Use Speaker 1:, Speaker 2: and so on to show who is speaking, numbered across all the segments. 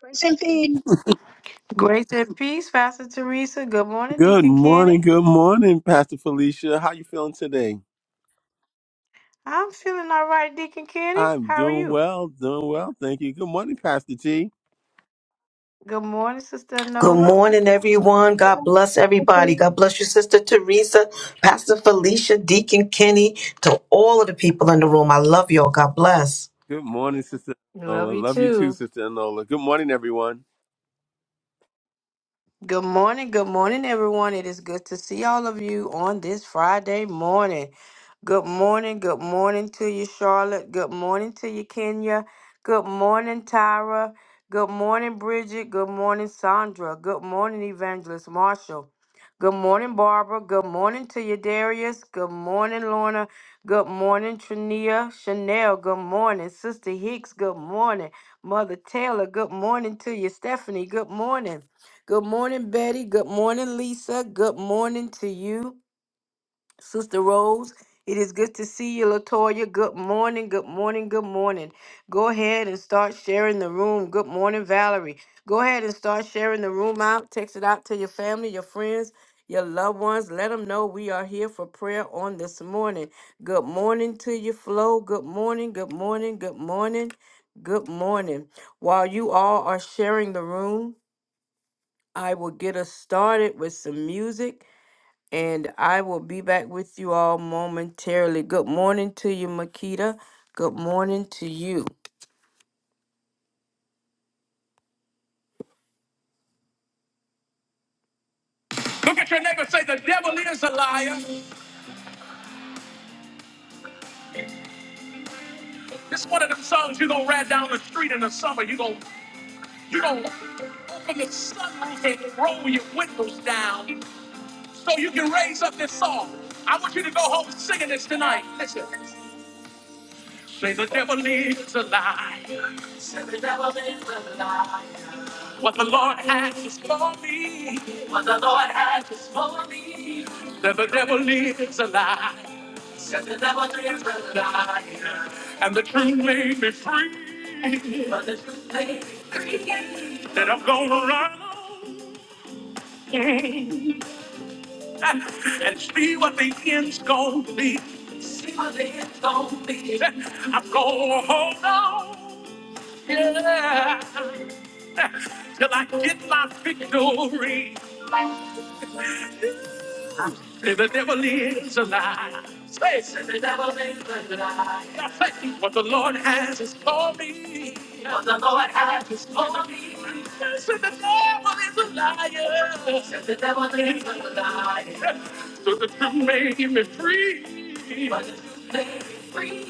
Speaker 1: Grace and peace.
Speaker 2: Grace and peace, Pastor Teresa. Good morning,
Speaker 3: Good
Speaker 2: Deacon
Speaker 3: morning,
Speaker 2: Kenny.
Speaker 3: good morning, Pastor Felicia. How you feeling today?
Speaker 2: I'm feeling all right, Deacon Kenny.
Speaker 3: I'm
Speaker 2: How are
Speaker 3: doing
Speaker 2: you?
Speaker 3: well, doing well. Thank you. Good morning, Pastor T.
Speaker 2: Good morning, Sister
Speaker 4: Good
Speaker 2: Nola.
Speaker 4: morning, everyone. God bless everybody. God bless your Sister Teresa, Pastor Felicia, Deacon Kenny, to all of the people in the room. I love y'all. God bless.
Speaker 3: Good morning, Sister
Speaker 2: Love
Speaker 3: Enola.
Speaker 2: you
Speaker 3: Love you too,
Speaker 2: too.
Speaker 3: Sister Enola. Good morning, everyone.
Speaker 2: Good morning. Good morning, everyone. It is good to see all of you on this Friday morning. Good morning. Good morning to you, Charlotte. Good morning to you, Kenya. Good morning, Tyra. Good morning, Bridget. Good morning, Sandra. Good morning, Evangelist Marshall. Good morning, Barbara. Good morning to you, Darius. Good morning, Lorna. Good morning, Trania. Chanel. Good morning, Sister Hicks. Good morning, Mother Taylor. Good morning to you, Stephanie. Good morning. Good morning, Betty. Good morning, Lisa. Good morning to you, Sister Rose. It is good to see you, Latoya. Good morning, good morning, good morning. Go ahead and start sharing the room. Good morning, Valerie. Go ahead and start sharing the room out. Text it out to your family, your friends, your loved ones. Let them know we are here for prayer on this morning. Good morning to you, Flo. Good morning, good morning, good morning, good morning. While you all are sharing the room, I will get us started with some music and I will be back with you all momentarily. Good morning to you, Makita. Good morning to you. Look at your neighbor say, The devil is a liar. This one of them songs you're going to ride down the street in the summer. You're going you gonna open the sunroof and roll your windows down so you can raise up this song. I want you to go home singing this tonight. Listen. Say, The devil is a liar. Say, The devil is a liar. What the Lord has is for me. What the Lord has is for me. That the devil lives a lie. Said the devil lives a lie. And the truth made me free. But the truth made me free. That I'm gonna run on and see what the end's gonna be. I'm gonna hold on. Yeah. Till I get my victory. The devil is a lie. Say, say, say, say, What the Lord has is for me. What the Lord has is for me. Say, the devil is a liar. Say, the devil is a liar. So the truth made me free. But the truth may free.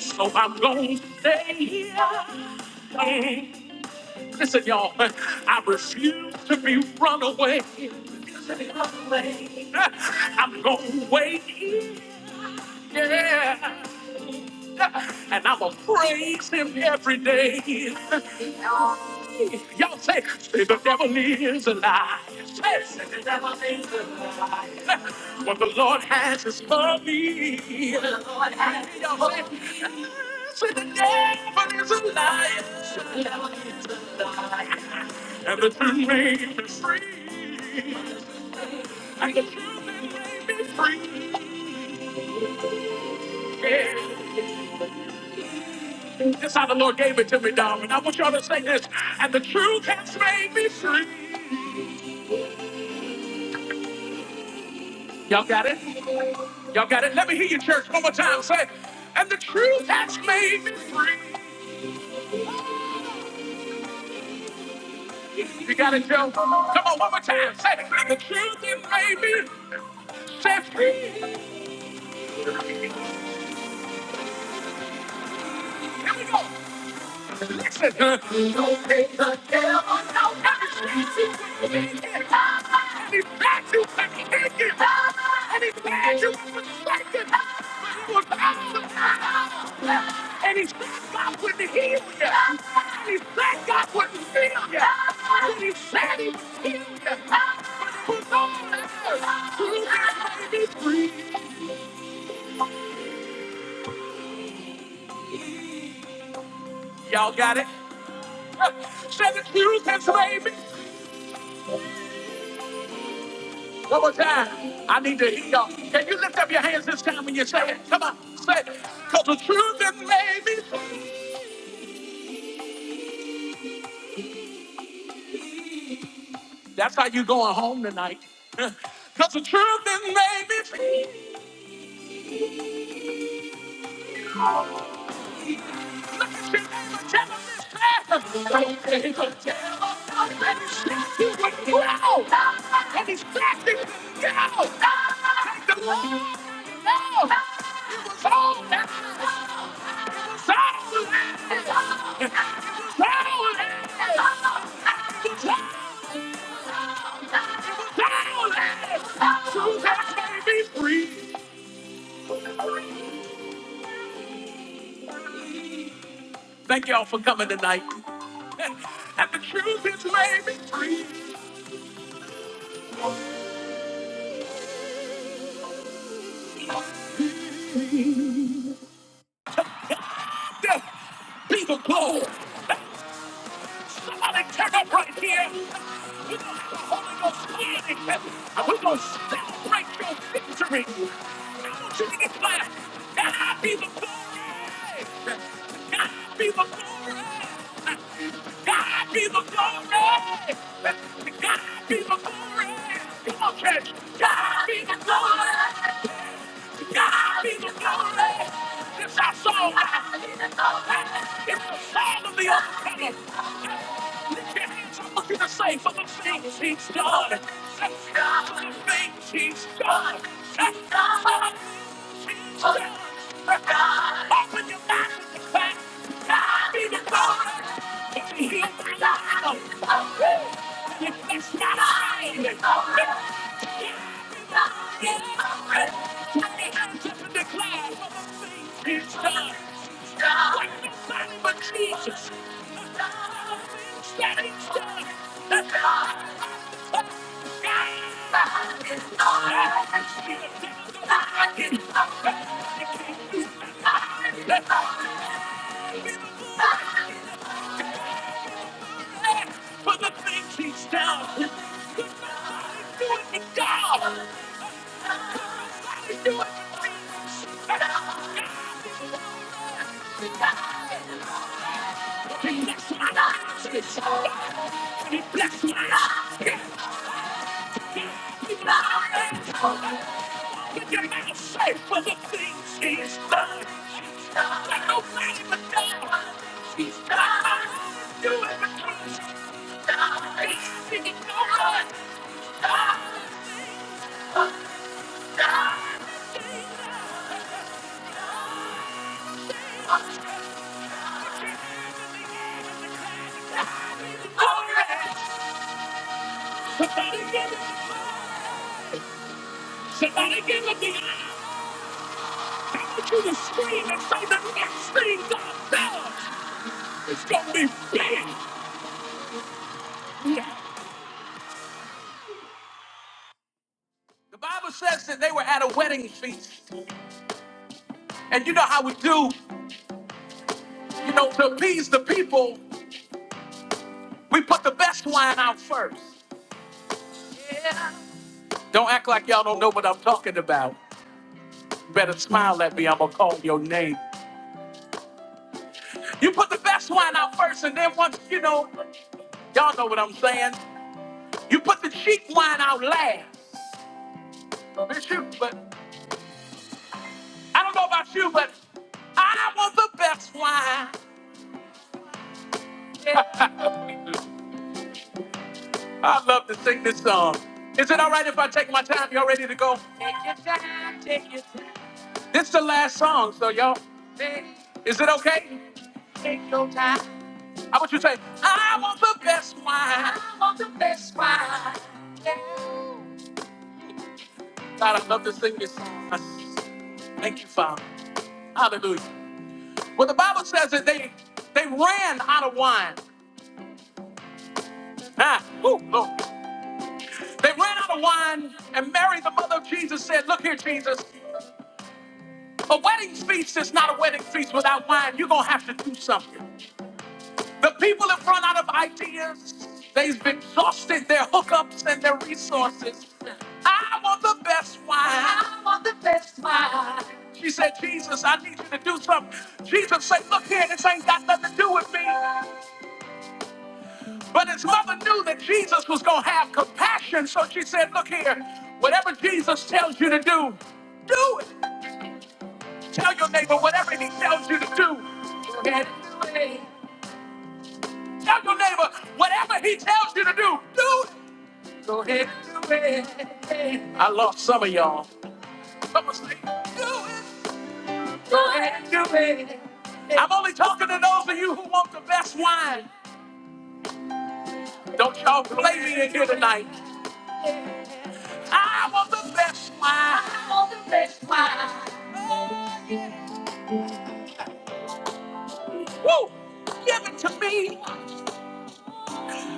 Speaker 2: So I'm going to stay here. Mm. Listen, y'all, I refuse to be run away. I'm gonna wait. Yeah. And I'ma praise him every day. Y'all say, say the devil is a lie. Say, say the devil is a lie. What the Lord has is for me. What the Lord has is Y'all say, for me. say the devil is a liar. Is a liar. And the truth made me free. And the truth made me free. Yeah. That's how the Lord gave it to me, darling. I want y'all to say this. And the truth has made me free. Y'all got it? Y'all got it? Let me hear you, church, one more time. Say, and the truth has made me free. You got it, Joe? Come on, one more time. Say, and the truth has made me set free. Here we go. Listen, we don't pay the devil no attention. And he had you for thinking. And he had you for thinking. But he was out of power. And he said God wouldn't heal you. And he said God wouldn't heal you. And he said he would heal you. But it was all there. Truth has made me free. Y'all got it? Said the truth has made me free. One more time. I need to hear y'all. Can you lift up your hands this time when you say it? Come on, say it. Cause the truth that made me free. That's how you going home tonight. Cause the truth that made me free. Look at your neighbor, tell him this time. Don't ever tell him that he's distracted with you. Go. And he's distracted with you. No. Take the Lord. No. It It was all that. It was all that. It was all that. Thank y'all for coming tonight. And the truth has made me free. Just be the glory. Somebody turn up right here. We're gonna have a Holy Ghost meeting. And we're gonna celebrate your victory. I want you to get back. God be the glory. God be the glory. God be the glory. God be the glory. Come on, church. God be the glory. God be the glory. It's our song. It's the song of the overcomer. Lift your hands. I look at the say, for the things he's done. Say, For the things he's done. Say, For the things he's done. Open your mouth and declare, God be the glory. If he hear my life, if it's not a shame. For the things he's done, He's doing it now. Do it. now. Stop! Somebody give it! Somebody give it the I want you to scream and say the next thing God does is gonna be big. The Bible says that they were at a wedding feast, and you know how we do, you know, to appease the people, we put the best wine out first. Don't act like y'all don't know what I'm talking about. You better smile at me. I'm gonna call your name. You put the best wine out first, and then once you know, y'all know what I'm saying. You put the cheap wine out last. Bishop, but I don't know about you, but I want the best wine. Yeah. I love to sing this song. Is it all right if I take my time? Y'all ready to go? Take your time, take your time. This is the last song, so y'all. Is it okay? Take your time. How about you say, I want the best wine. I want the best wine. Yeah. God, I love to sing this song. Thank you, Father. Hallelujah. Well, the Bible says that they they ran out of wine. Ah, ooh, Lord. They ran out of wine, and Mary, the mother of Jesus, said, Look here, Jesus, a wedding feast is not a wedding feast without wine. You're going to have to do something. The people have run out of ideas. They've exhausted their hookups and their resources. I want the best wine. I want the best wine. She said, Jesus, I need you to do something. Jesus said, Look here, this ain't got nothing to do with me. But his mother knew that Jesus was going to have compassion. So she said, Look here, whatever Jesus tells you to do, do it. Tell your neighbor whatever he tells you to do. Get it. Tell your neighbor whatever he tells you to do, do it. So here do it. I lost some of y'all. Come on, say, do it. Go ahead do it. I'm only talking to those of you who want the best wine. Don't y'all play me in here tonight. I want the best wine. I want the best wine. Woo! Give it to me.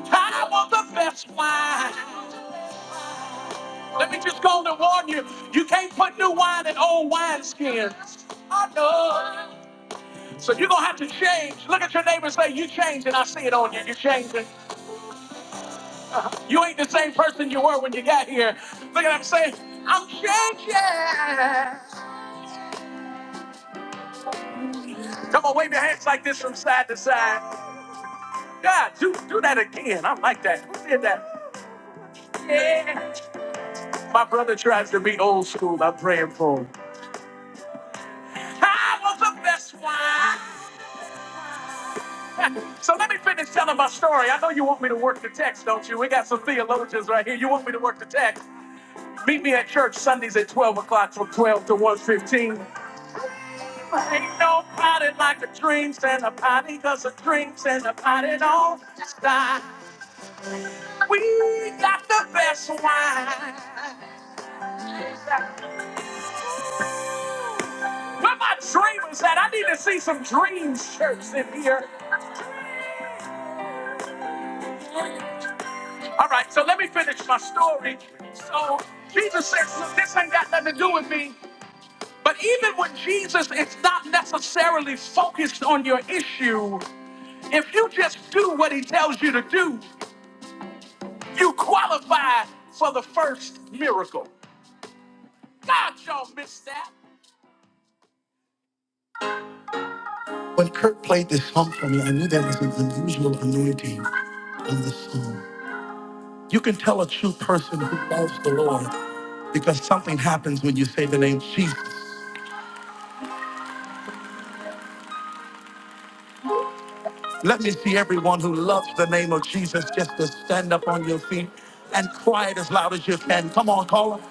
Speaker 2: I want the best wine. Let me just go on and warn you. You can't put new wine in old wineskins. I know. So you're gonna have to change. Look at your neighbor and say, you changing. I see it on you. You're changing. Uh-huh. You ain't the same person you were when you got here. Look at him say, I'm changing. Come on, wave your hands like this from side to side. God, do do that again. I like that. Who did that? Yeah. My brother tries to be old school. I'm praying for him. I was the best one. So let me finish telling my story. I know you want me to work the text, don't you? We got some theologians right here. You want me to work the text? Meet me at church Sundays at 12 o'clock from 12 to one fifteen. Ain't no party like a dream and a party cause a dream and a party don't stop. We got the best wine. Where my dreamers at? I need to see some dream shirts in here. All right, so let me finish my story. So Jesus says, look, this ain't got nothing to do with me. But even when Jesus is not necessarily focused on your issue, If you just do what he tells you to do, you qualify for the first miracle. God, y'all missed that. But this song is an unusual anointing on this song. You can tell a true person who loves the Lord because something happens when you say the name Jesus. Let me see everyone who loves the name of Jesus just to stand up on your feet and cry it as loud as you can. Come on, call him.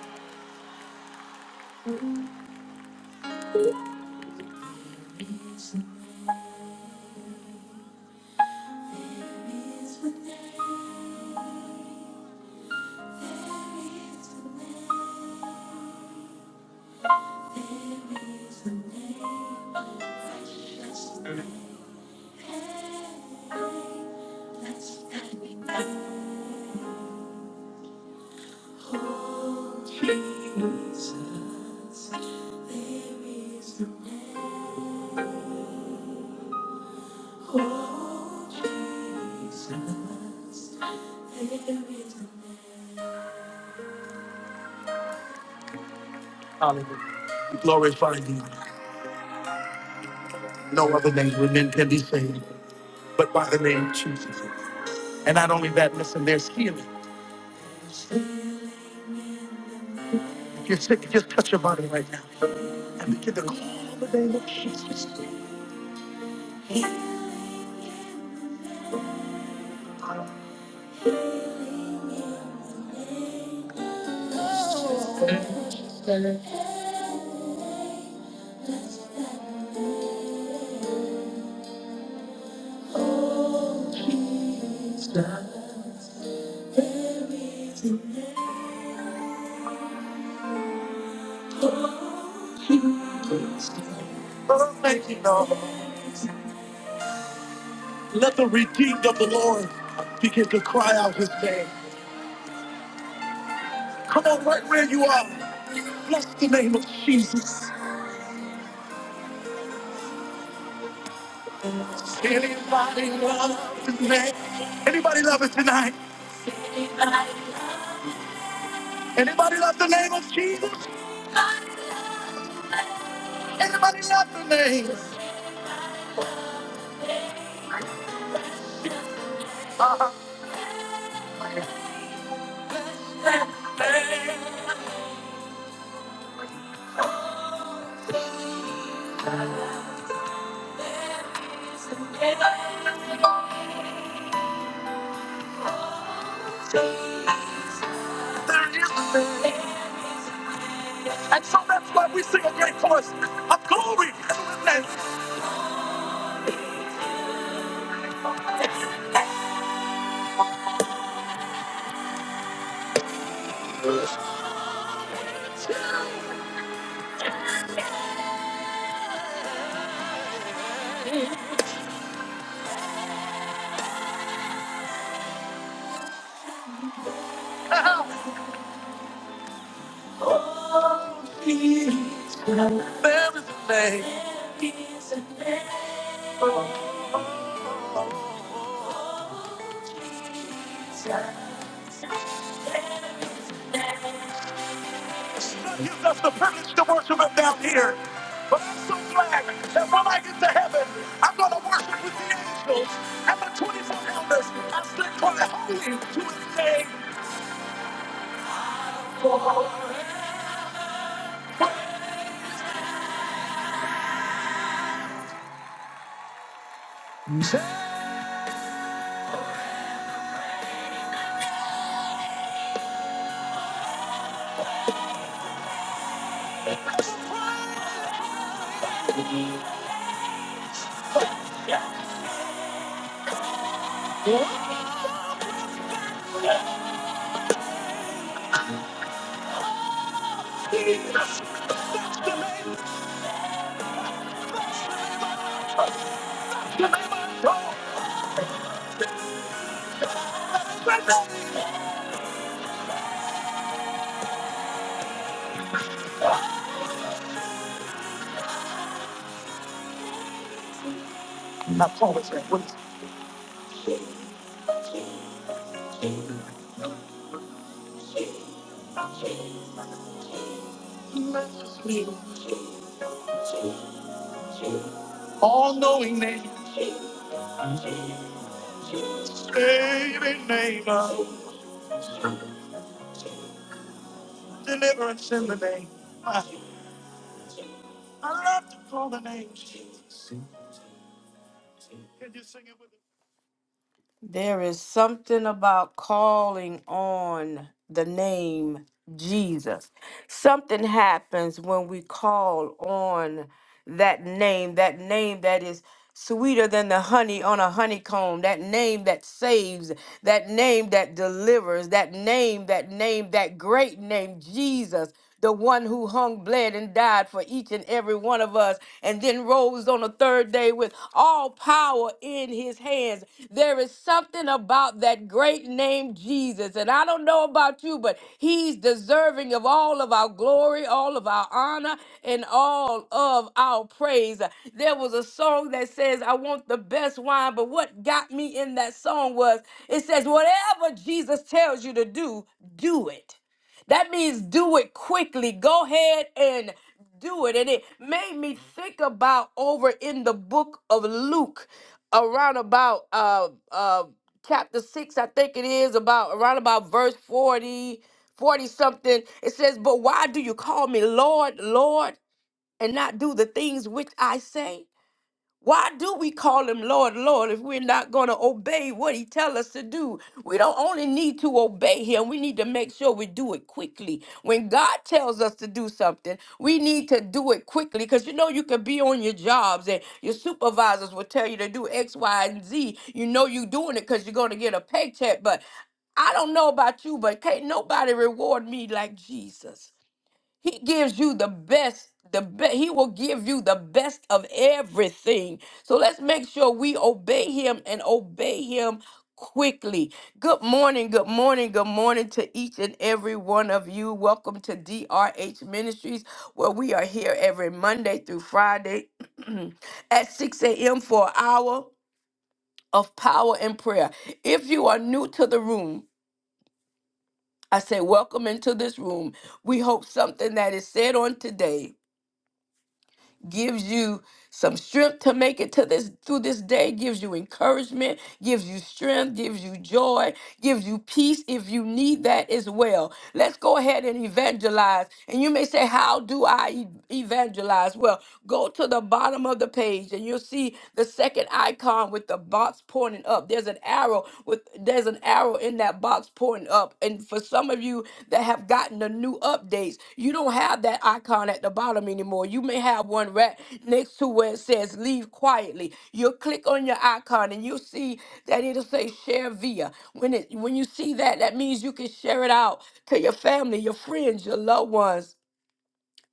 Speaker 2: Hallelujah. Glorify you. No other name. Women can be saved. but by the name of Jesus. And not only that, listen, there's healing. If you're sick, just touch your body right now and begin to call the name of Jesus. Oh, thank you, Lord. Let the redeemed of the Lord begin to cry out his name. Come on, right where you are. Bless the name of Jesus. Anybody love his name? Anybody love it tonight? Anybody love the name of Jesus? Anybody love the name? There is And so that's why we sing a great chorus of glory to his name. That gives us the privilege to worship him down here. But I'm so glad that when I get to heaven, I'm going to worship with the angels and the 24 elders and still cry holy to his name. Yes, the name of God. Not always that what is majesty, all-knowing name, saving name of deliverance in the name. I I love to call the name Jesus. There is something about calling on the name Jesus. Something happens when we call on that name, that name that is sweeter than the honey on a honeycomb, that name that saves, that name that delivers, that name, that name, that great name, Jesus the one who hung, bled, and died for each and every one of us, and then rose on the third day with all power in his hands. There is something about that great name Jesus, and I don't know about you, but he's deserving of all of our glory, all of our honor, and all of our praise. There was a song that says, I want the best wine, but what got me in that song was it says, Whatever Jesus tells you to do, do it. That means do it quickly. Go ahead and do it. And it made me think about over in the book of Luke, around about uh uh chapter six, I think it is, about around about verse 40 40 something. It says, But why do you call me Lord, Lord, and not do the things which I say? Why do we call him Lord, Lord if we're not going to obey what he tells us to do? We don't only need to obey him, we need to make sure we do it quickly. When God tells us to do something, we need to do it quickly because you know you could be on your jobs and your supervisors will tell you to do X, Y, and Z. You know you're doing it because you're going to get a paycheck, but I don't know about you, but can't nobody reward me like Jesus. He gives you the best. The be- he will give you the best of everything. So let's make sure we obey him and obey him quickly. Good morning, good morning, good morning to each and every one of you. Welcome to DRH Ministries, where we are here every Monday through Friday at 6 a.m. for an hour of power and prayer. If you are new to the room, I say welcome into this room. We hope something that is said on today gives you some strength to make it to this through this day, gives you encouragement, gives you strength, gives you joy, gives you peace if you need that as well. Let's go ahead and evangelize. And you may say, How do I e- evangelize? Well, go to the bottom of the page and you'll see the second icon with the box pointing up. There's an arrow with there's an arrow in that box pointing up. And for some of you that have gotten the new updates, you don't have that icon at the bottom anymore. You may have one right next to where it says leave quietly. You'll click on your icon and you'll see that it'll say share via. When it when you see that, that means you can share it out to your family, your friends, your loved ones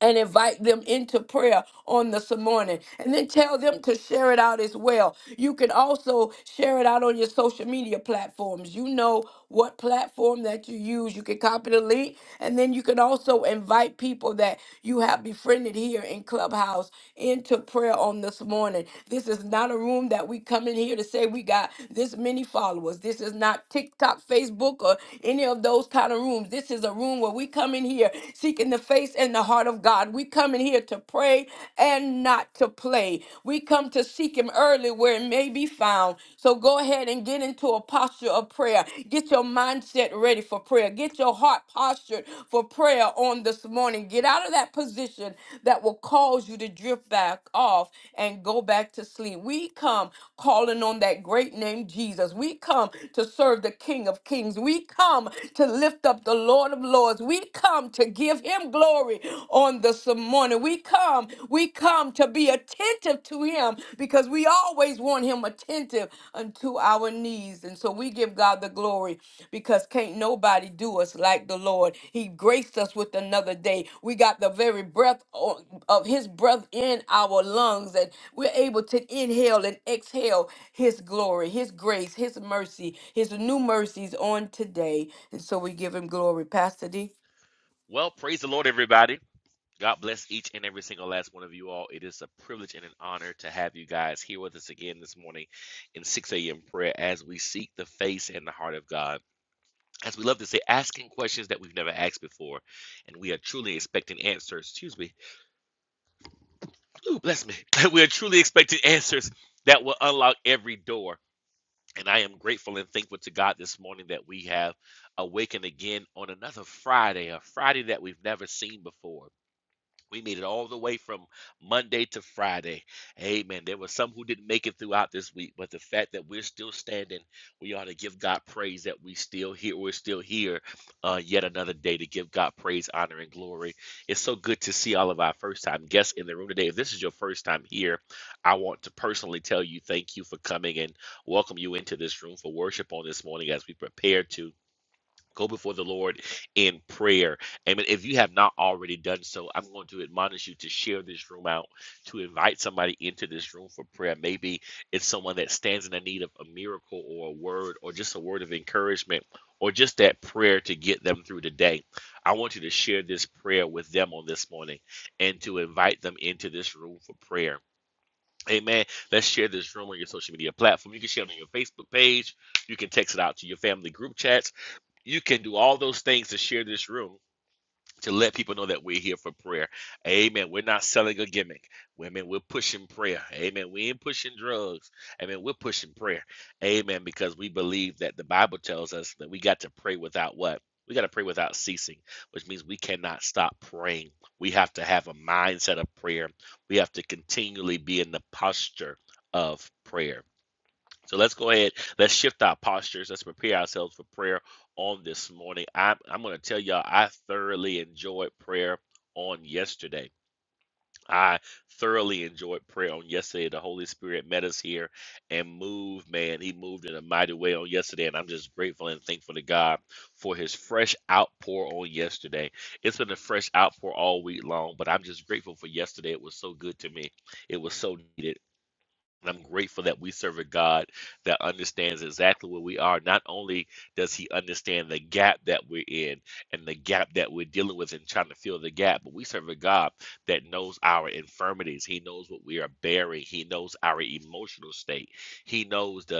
Speaker 2: and invite them into prayer on this morning. And then tell them to share it out as well. You can also share it out on your social media platforms. You know what platform that you use. You can copy the link. And then you can also invite people that you have befriended here in Clubhouse into prayer on this morning. This is not a room that we come in here to say we got this many followers. This is not TikTok, Facebook, or any of those kind of rooms. This is a room where we come in here seeking the face place in the heart of God. We come in here to pray and not to play. We come to seek Him early where it may be found. So go ahead and get into a posture of prayer. Get your mindset ready for prayer. Get your heart postured for prayer on this morning. Get out of that position that will cause you to drift back off and go back to sleep. We come calling on that great name Jesus. We come to serve the King of Kings. We come to lift up the Lord of Lords. We come to to give him glory on this morning. We come, we come to be attentive to him because we always want him attentive unto our needs. And so we give God the glory because can't nobody do us like the Lord. He graced us with another day. We got the very breath o- of his breath in our lungs and we're able to inhale and exhale his glory, his grace, his mercy, his new mercies on today. And so we give him glory. Pastor D.
Speaker 5: Well, praise the Lord, everybody. God bless each and every single last one of you all. It is a privilege and an honor to have you guys here with us again this morning in 6 a.m. prayer as we seek the face and the heart of God. As we love to say, asking questions that we've never asked before, and we are truly expecting answers. Excuse me. Ooh, bless me. we are truly expecting answers that will unlock every door. And I am grateful and thankful to God this morning that we have awakened again on another Friday, a Friday that we've never seen before We made it all the way from Monday to Friday. Amen. There were some who didn't make it throughout this week, but the fact that we're still standing, we ought to give God praise that we still here. We're still here uh, yet another day to give God praise, honor, and glory. It's so good to see all of our first time guests in the room today. If this is your first time here, I want to personally tell you thank you for coming and welcome you into this room for worship on this morning as we prepare to. Go before the Lord in prayer. Amen. If you have not already done so, I'm going to admonish you to share this room out, to invite somebody into this room for prayer. Maybe it's someone that stands in the need of a miracle or a word or just a word of encouragement or just that prayer to get them through the day. I want you to share this prayer with them on this morning and to invite them into this room for prayer. Amen. Let's share this room on your social media platform. You can share it on your Facebook page. You can text it out to your family group chats you can do all those things to share this room to let people know that we're here for prayer. Amen. We're not selling a gimmick. Women, we're pushing prayer. Amen. We ain't pushing drugs. Amen. We're pushing prayer. Amen. Because we believe that the Bible tells us that we got to pray without what? We got to pray without ceasing, which means we cannot stop praying. We have to have a mindset of prayer. We have to continually be in the posture of prayer. So let's go ahead. Let's shift our postures. Let's prepare ourselves for prayer on this morning. I, am I'm going to tell y'all, I thoroughly enjoyed prayer on yesterday. I thoroughly enjoyed prayer on yesterday. The Holy Spirit met us here and moved, man. He moved in a mighty way on yesterday. And I'm just grateful and thankful to God for his fresh outpour on yesterday. It's been a fresh outpour all week long, but I'm just grateful for yesterday. It was so good to me. It was so needed. And I'm grateful that we serve a God that understands exactly where we are. Not only does He understand the gap that we're in and the gap that we're dealing with and trying to fill the gap, but we serve a God that knows our infirmities. He knows what we are bearing. He knows our emotional state. He knows the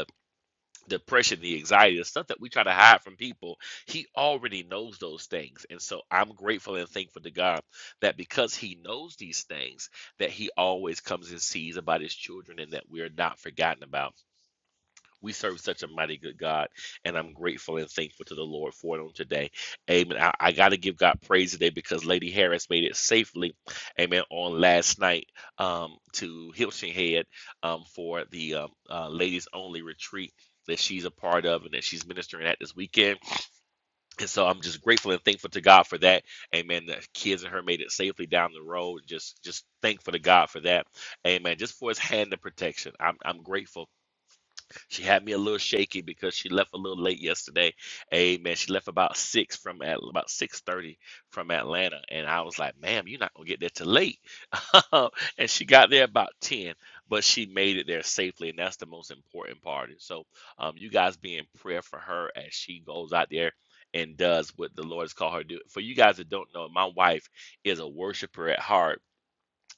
Speaker 5: depression, the anxiety, the stuff that we try to hide from people, he already knows those things. And so I'm grateful and thankful to God that because he knows these things, that he always comes and sees about his children and that we're not forgotten about. We serve such a mighty good God, and I'm grateful and thankful to the Lord for it on today. Amen. I, I got to give God praise today because Lady Harris made it safely, amen, on last night um, to Hilton Head um, for the um, uh, ladies only retreat that she's a part of and that she's ministering at this weekend. And so I'm just grateful and thankful to God for that. Amen. The kids and her made it safely down the road. Just just thankful to God for that. Amen. Just for his hand of protection. I'm, I'm grateful she had me a little shaky because she left a little late yesterday. Amen. She left about six from at about six thirty from Atlanta, and I was like, "Ma'am, you're not gonna get there till late." and she got there about ten, but she made it there safely, and that's the most important part. And so, um, you guys be in prayer for her as she goes out there. And does what the Lord has called her to do. For you guys that don't know, my wife is a worshiper at heart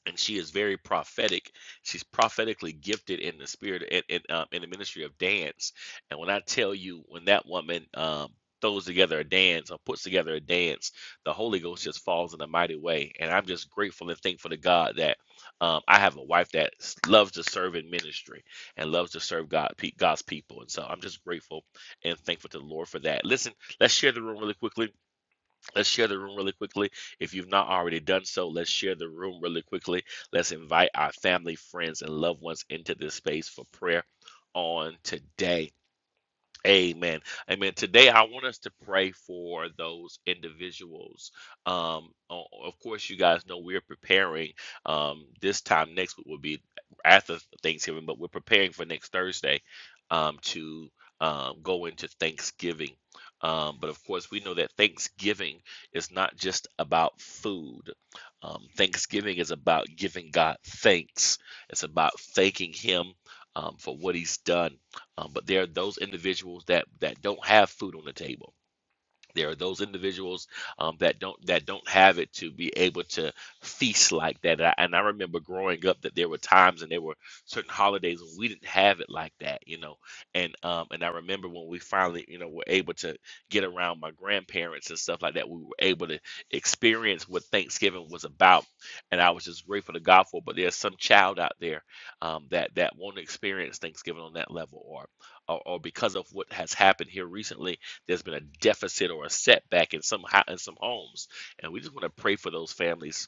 Speaker 5: and she is very prophetic. She's prophetically gifted in the spirit in in, um, in the ministry of dance. And when I tell you, when that woman um, throws together a dance or puts together a dance, the Holy Ghost just falls in a mighty way. And I'm just grateful and thankful to God that um, I have a wife that s- loves to serve in ministry and loves to serve God pe- God's people. And so I'm just grateful and thankful to the Lord for that. Listen, let's share the room really quickly. Let's share the room really quickly. If you've not already done so, let's share the room really quickly. Let's invite our family, friends, and loved ones into this space for prayer on today. Amen. Amen. Today, I want us to pray for those individuals. Um, o- of course, you guys know we're preparing. Um, this time next week will be after Thanksgiving, but we're preparing for next Thursday um, to um, go into Thanksgiving. Um, but of course, we know that Thanksgiving is not just about food. Um, Thanksgiving is about giving God thanks. It's about thanking Him um, for what He's done um, but there are those individuals that that don't have food on the table there are those individuals um, that don't that don't have it to be able to feast like that. And I, and I remember growing up that there were times and there were certain holidays when we didn't have it like that, you know. And um and I remember when we finally, you know, were able to get around my grandparents and stuff like that. We were able to experience what Thanksgiving was about, and I was just grateful to God for. it. But there's some child out there um, that that won't experience Thanksgiving on that level, or or, or because of what has happened here recently there's been a deficit or a setback in some in some homes, and we just want to pray for those families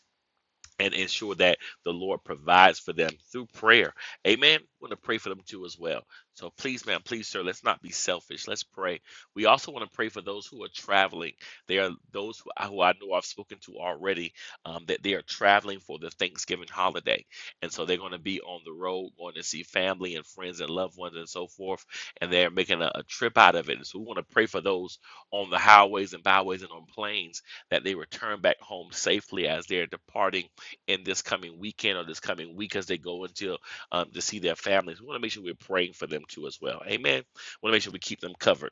Speaker 5: and ensure that the Lord provides for them through prayer. Amen. We want to pray for them too as well. So please, ma'am, please, sir, let's not be selfish. Let's pray. We also want to pray for those who are traveling. There are those who I, who I know I've spoken to already um, that they are traveling for the Thanksgiving holiday. And so they're going to be on the road, going to see family and friends and loved ones and so forth. And they're making a, a trip out of it. And so we want to pray for those on the highways and byways and on planes that they return back home safely as they're departing in this coming weekend or this coming week as they go into um, to see their families. We want to make sure we're praying for them too as well. Amen. We want to make sure we keep them covered.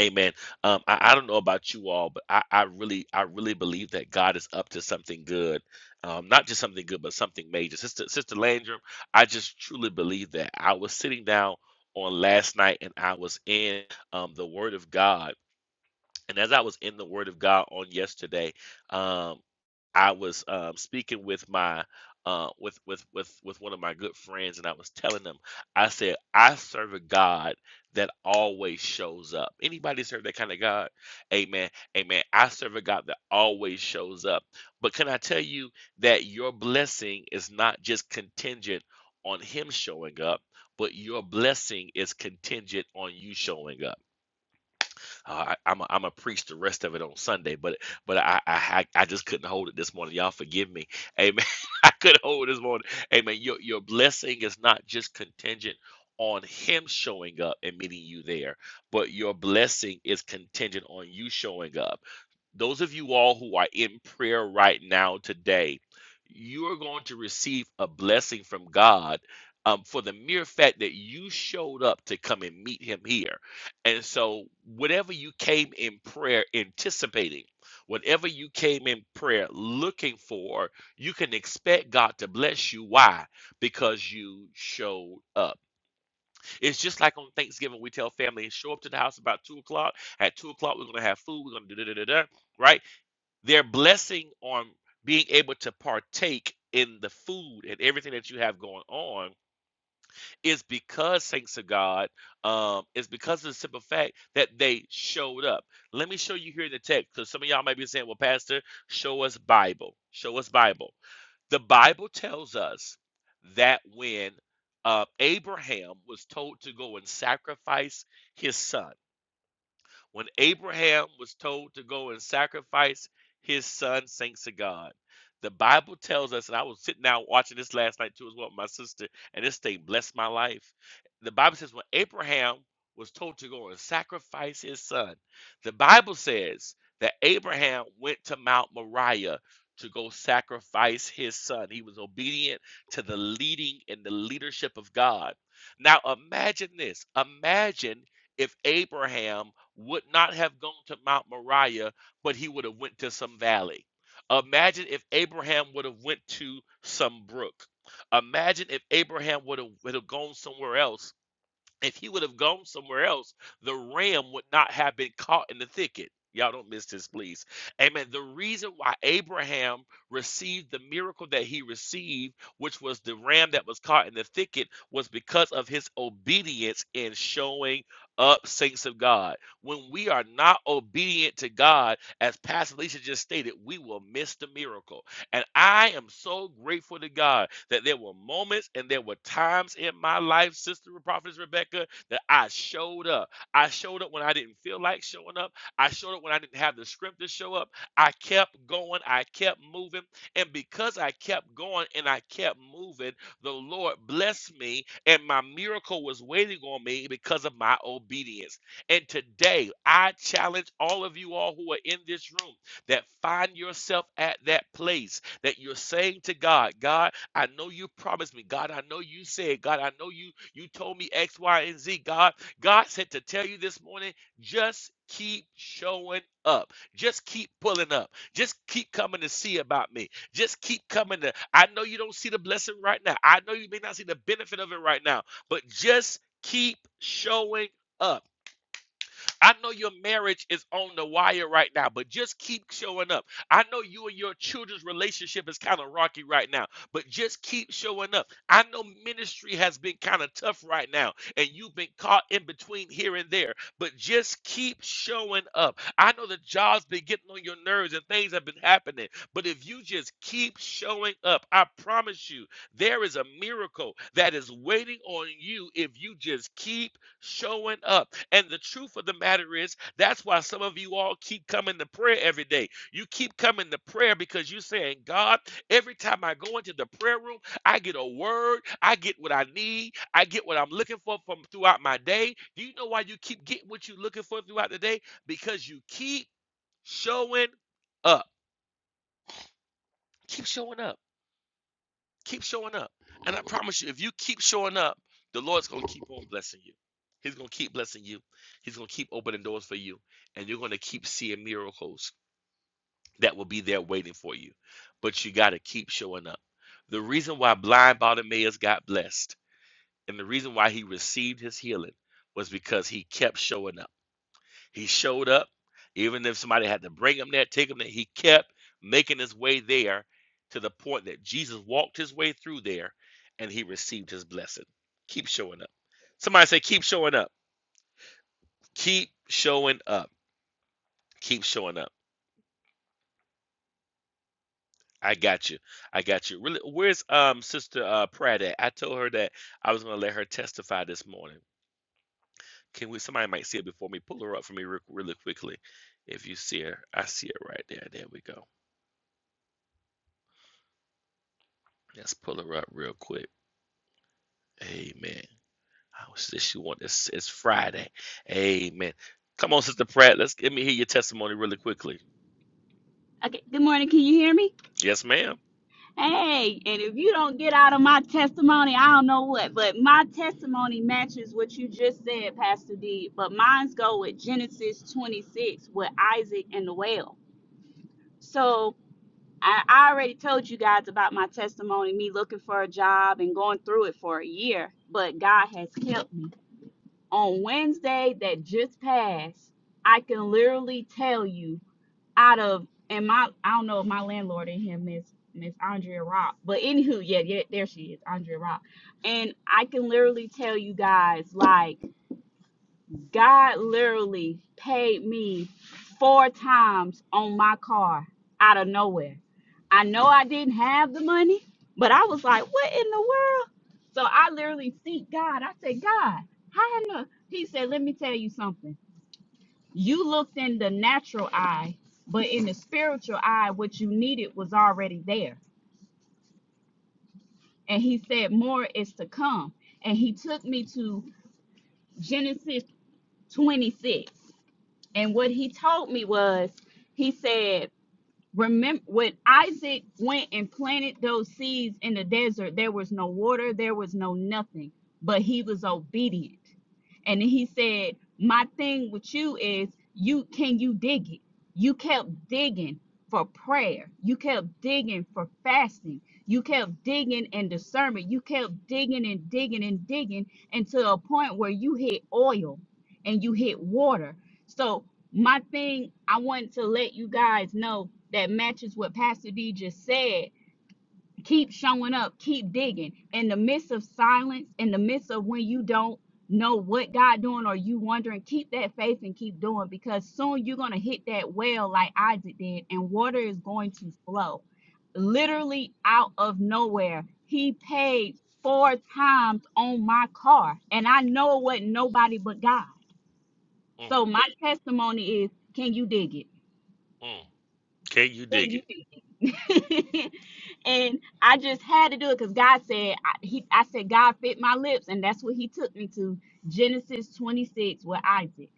Speaker 5: Amen. Um, I, I don't know about you all, but I, I really, I really believe that God is up to something good. Um, not just something good, but something major. Sister, Sister Landrum, I just truly believe that. I was sitting down on last night and I was in um, the Word of God. And as I was in the Word of God on yesterday, um, I was um, speaking with my uh, with with with with one of my good friends, and I was telling them, I said, I serve a God that always shows up. Anybody serve that kind of God? Amen. Amen. I serve a God that always shows up. But can I tell you that your blessing is not just contingent on Him showing up, but your blessing is contingent on you showing up. Uh, I, I'm a, I'm a preach the rest of it on Sunday, but but I I I I just couldn't hold it this morning. Y'all forgive me, Amen. I couldn't hold it this morning, Amen. Your your blessing is not just contingent on Him showing up and meeting you there, but your blessing is contingent on you showing up those of you all who are in prayer right now today, you are going to receive a blessing from God um, for the mere fact that you showed up to come and meet Him here. And so, whatever you came in prayer anticipating, whatever you came in prayer looking for, you can expect God to bless you. Why? Because you showed up. It's just like on Thanksgiving, we tell family, show up to the house about two o'clock. At two o'clock, we're going to have food. We're going to do da da da da right? Their blessing on being able to partake in the food and everything that you have going on is because thanks to God, um, is because of the simple fact that they showed up. Let me show you here in the text, because some of y'all might be saying, Well, Pastor, show us Bible. Show us Bible. The Bible tells us that when uh, Abraham was told to go and sacrifice his son when Abraham was told to go and sacrifice his son, thanks to God. The Bible tells us, and I was sitting down watching this last night too, as well, with my sister, and this thing blessed my life. The Bible says, when Abraham was told to go and sacrifice his son, the Bible says that Abraham went to Mount Moriah to go sacrifice his son. He was obedient to the leading and the leadership of God. Now imagine this. Imagine if Abraham would not have gone to Mount Moriah, but he would have went to some valley. Imagine if Abraham would have went to some brook. Imagine if Abraham would have, would have gone somewhere else if he would have gone somewhere else, the ram would not have been caught in the thicket. Y'all don't miss this, please. Amen. The reason why Abraham received the miracle that he received, which was the ram that was caught in the thicket, was because of his obedience in showing up, saints of God. When we are not obedient to God, as Pastor Alicia just stated, we will miss the miracle. And I am so grateful to God that there were moments and there were times in my life, Sister Prophetess Rebecca, that I showed up. I showed up when I didn't feel like showing up. I showed up when I didn't have the script to show up. I kept going. I kept moving. And because I kept going and I kept moving, the Lord blessed me, and my miracle was waiting on me because of my obedience. And today, I challenge all of you all who are in this room that find yourself at that place that you're saying to God, God, I know you promised me. God, I know you said. God, I know you you told me X, Y, and Z. God, God said to tell you this morning, just keep showing up. Just keep pulling up. Just keep coming to see about me. Just keep coming to I know you don't see the blessing right now. I know you may not see the benefit of it right now, but just keep showing up. I know your marriage is on the wire right now, but just keep showing up. I know you and your children's relationship is kind of rocky right now, but just keep showing up. I know ministry has been kind of tough right now, and you've been caught in between here and there, but just keep showing up. I know the job's been getting on your nerves and things have been happening, but if you just keep showing up, I promise you, there is a miracle that is waiting on you if you just keep showing up. And the truth of the matter is, that's why some of you all keep coming to prayer every day. You keep coming to prayer because you're saying, God, every time I go into the prayer room, I get a word, I get what I need, I get what I'm looking for from throughout my day. Do you know why you keep getting what you're looking for throughout the day? Because you keep showing up. Keep showing up. Keep showing up. And I promise you, if you keep showing up, the Lord's going to keep on blessing you. He's going to keep blessing you. He's going to keep opening doors for you. And you're going to keep seeing miracles that will be there waiting for you. But you got to keep showing up. The reason why blind Bartimaeus got blessed and the reason why he received his healing was because he kept showing up. He showed up, even if somebody had to bring him there, take him there. He kept making his way there to the point that Jesus walked his way through there and he received his blessing. Keep showing up. Somebody say, Keep showing up. Keep showing up. Keep showing up. I got you. I got you. Really, where's um Sister uh, Pratt at? I told her that I was going to let her testify this morning. Can we? Somebody might see it before me. Pull her up for me real, really quickly, if you see her. I see her right there. There we go. Let's pull her up real quick. Amen. I was this you want this it's Friday. Amen. Come on, Sister Pratt. Let's let me hear your testimony really quickly.
Speaker 6: Okay, good morning. Can you hear me?
Speaker 5: Yes, ma'am.
Speaker 6: Hey, and if you don't get out of my testimony, I don't know what, but my testimony matches what you just said, Pastor D. But mine's go with Genesis 26 with Isaac and the well. So I, I already told you guys about my testimony, me looking for a job and going through it for a year, but God has kept me. On Wednesday that just passed, I can literally tell you out of and my I don't know if my landlord and him is Miss Andrea Rock, but anywho, yeah, yeah, there she is, Andrea Rock, and I can literally tell you guys like God literally paid me four times on my car out of nowhere. I know I didn't have the money, but I was like, what in the world? So I literally seek God. I said, God, how in the? He said, let me tell you something. You looked in the natural eye, but in the spiritual eye, what you needed was already there. And he said, More is to come. And he took me to Genesis 26. And what he told me was, he said, remember when Isaac went and planted those seeds in the desert, there was no water, there was no nothing, but he was obedient. And he said, My thing with you is you can you dig it? You kept digging for prayer, you kept digging for fasting, you kept digging and discernment, you kept digging and digging and digging until a point where you hit oil and you hit water. So my thing i wanted to let you guys know that matches what pastor d just said keep showing up keep digging in the midst of silence in the midst of when you don't know what god doing or you wondering keep that faith and keep doing because soon you're going to hit that well like isaac did and water is going to flow literally out of nowhere he paid four times on my car and i know it wasn't nobody but god
Speaker 5: Mm,
Speaker 6: so my testimony is can you dig it
Speaker 5: mm. Can you
Speaker 6: then
Speaker 5: dig
Speaker 6: you
Speaker 5: it?
Speaker 6: did it? and I just had to do it because God said, I, he, I said, God fit my lips. And that's what he took me to Genesis 26 with Isaac.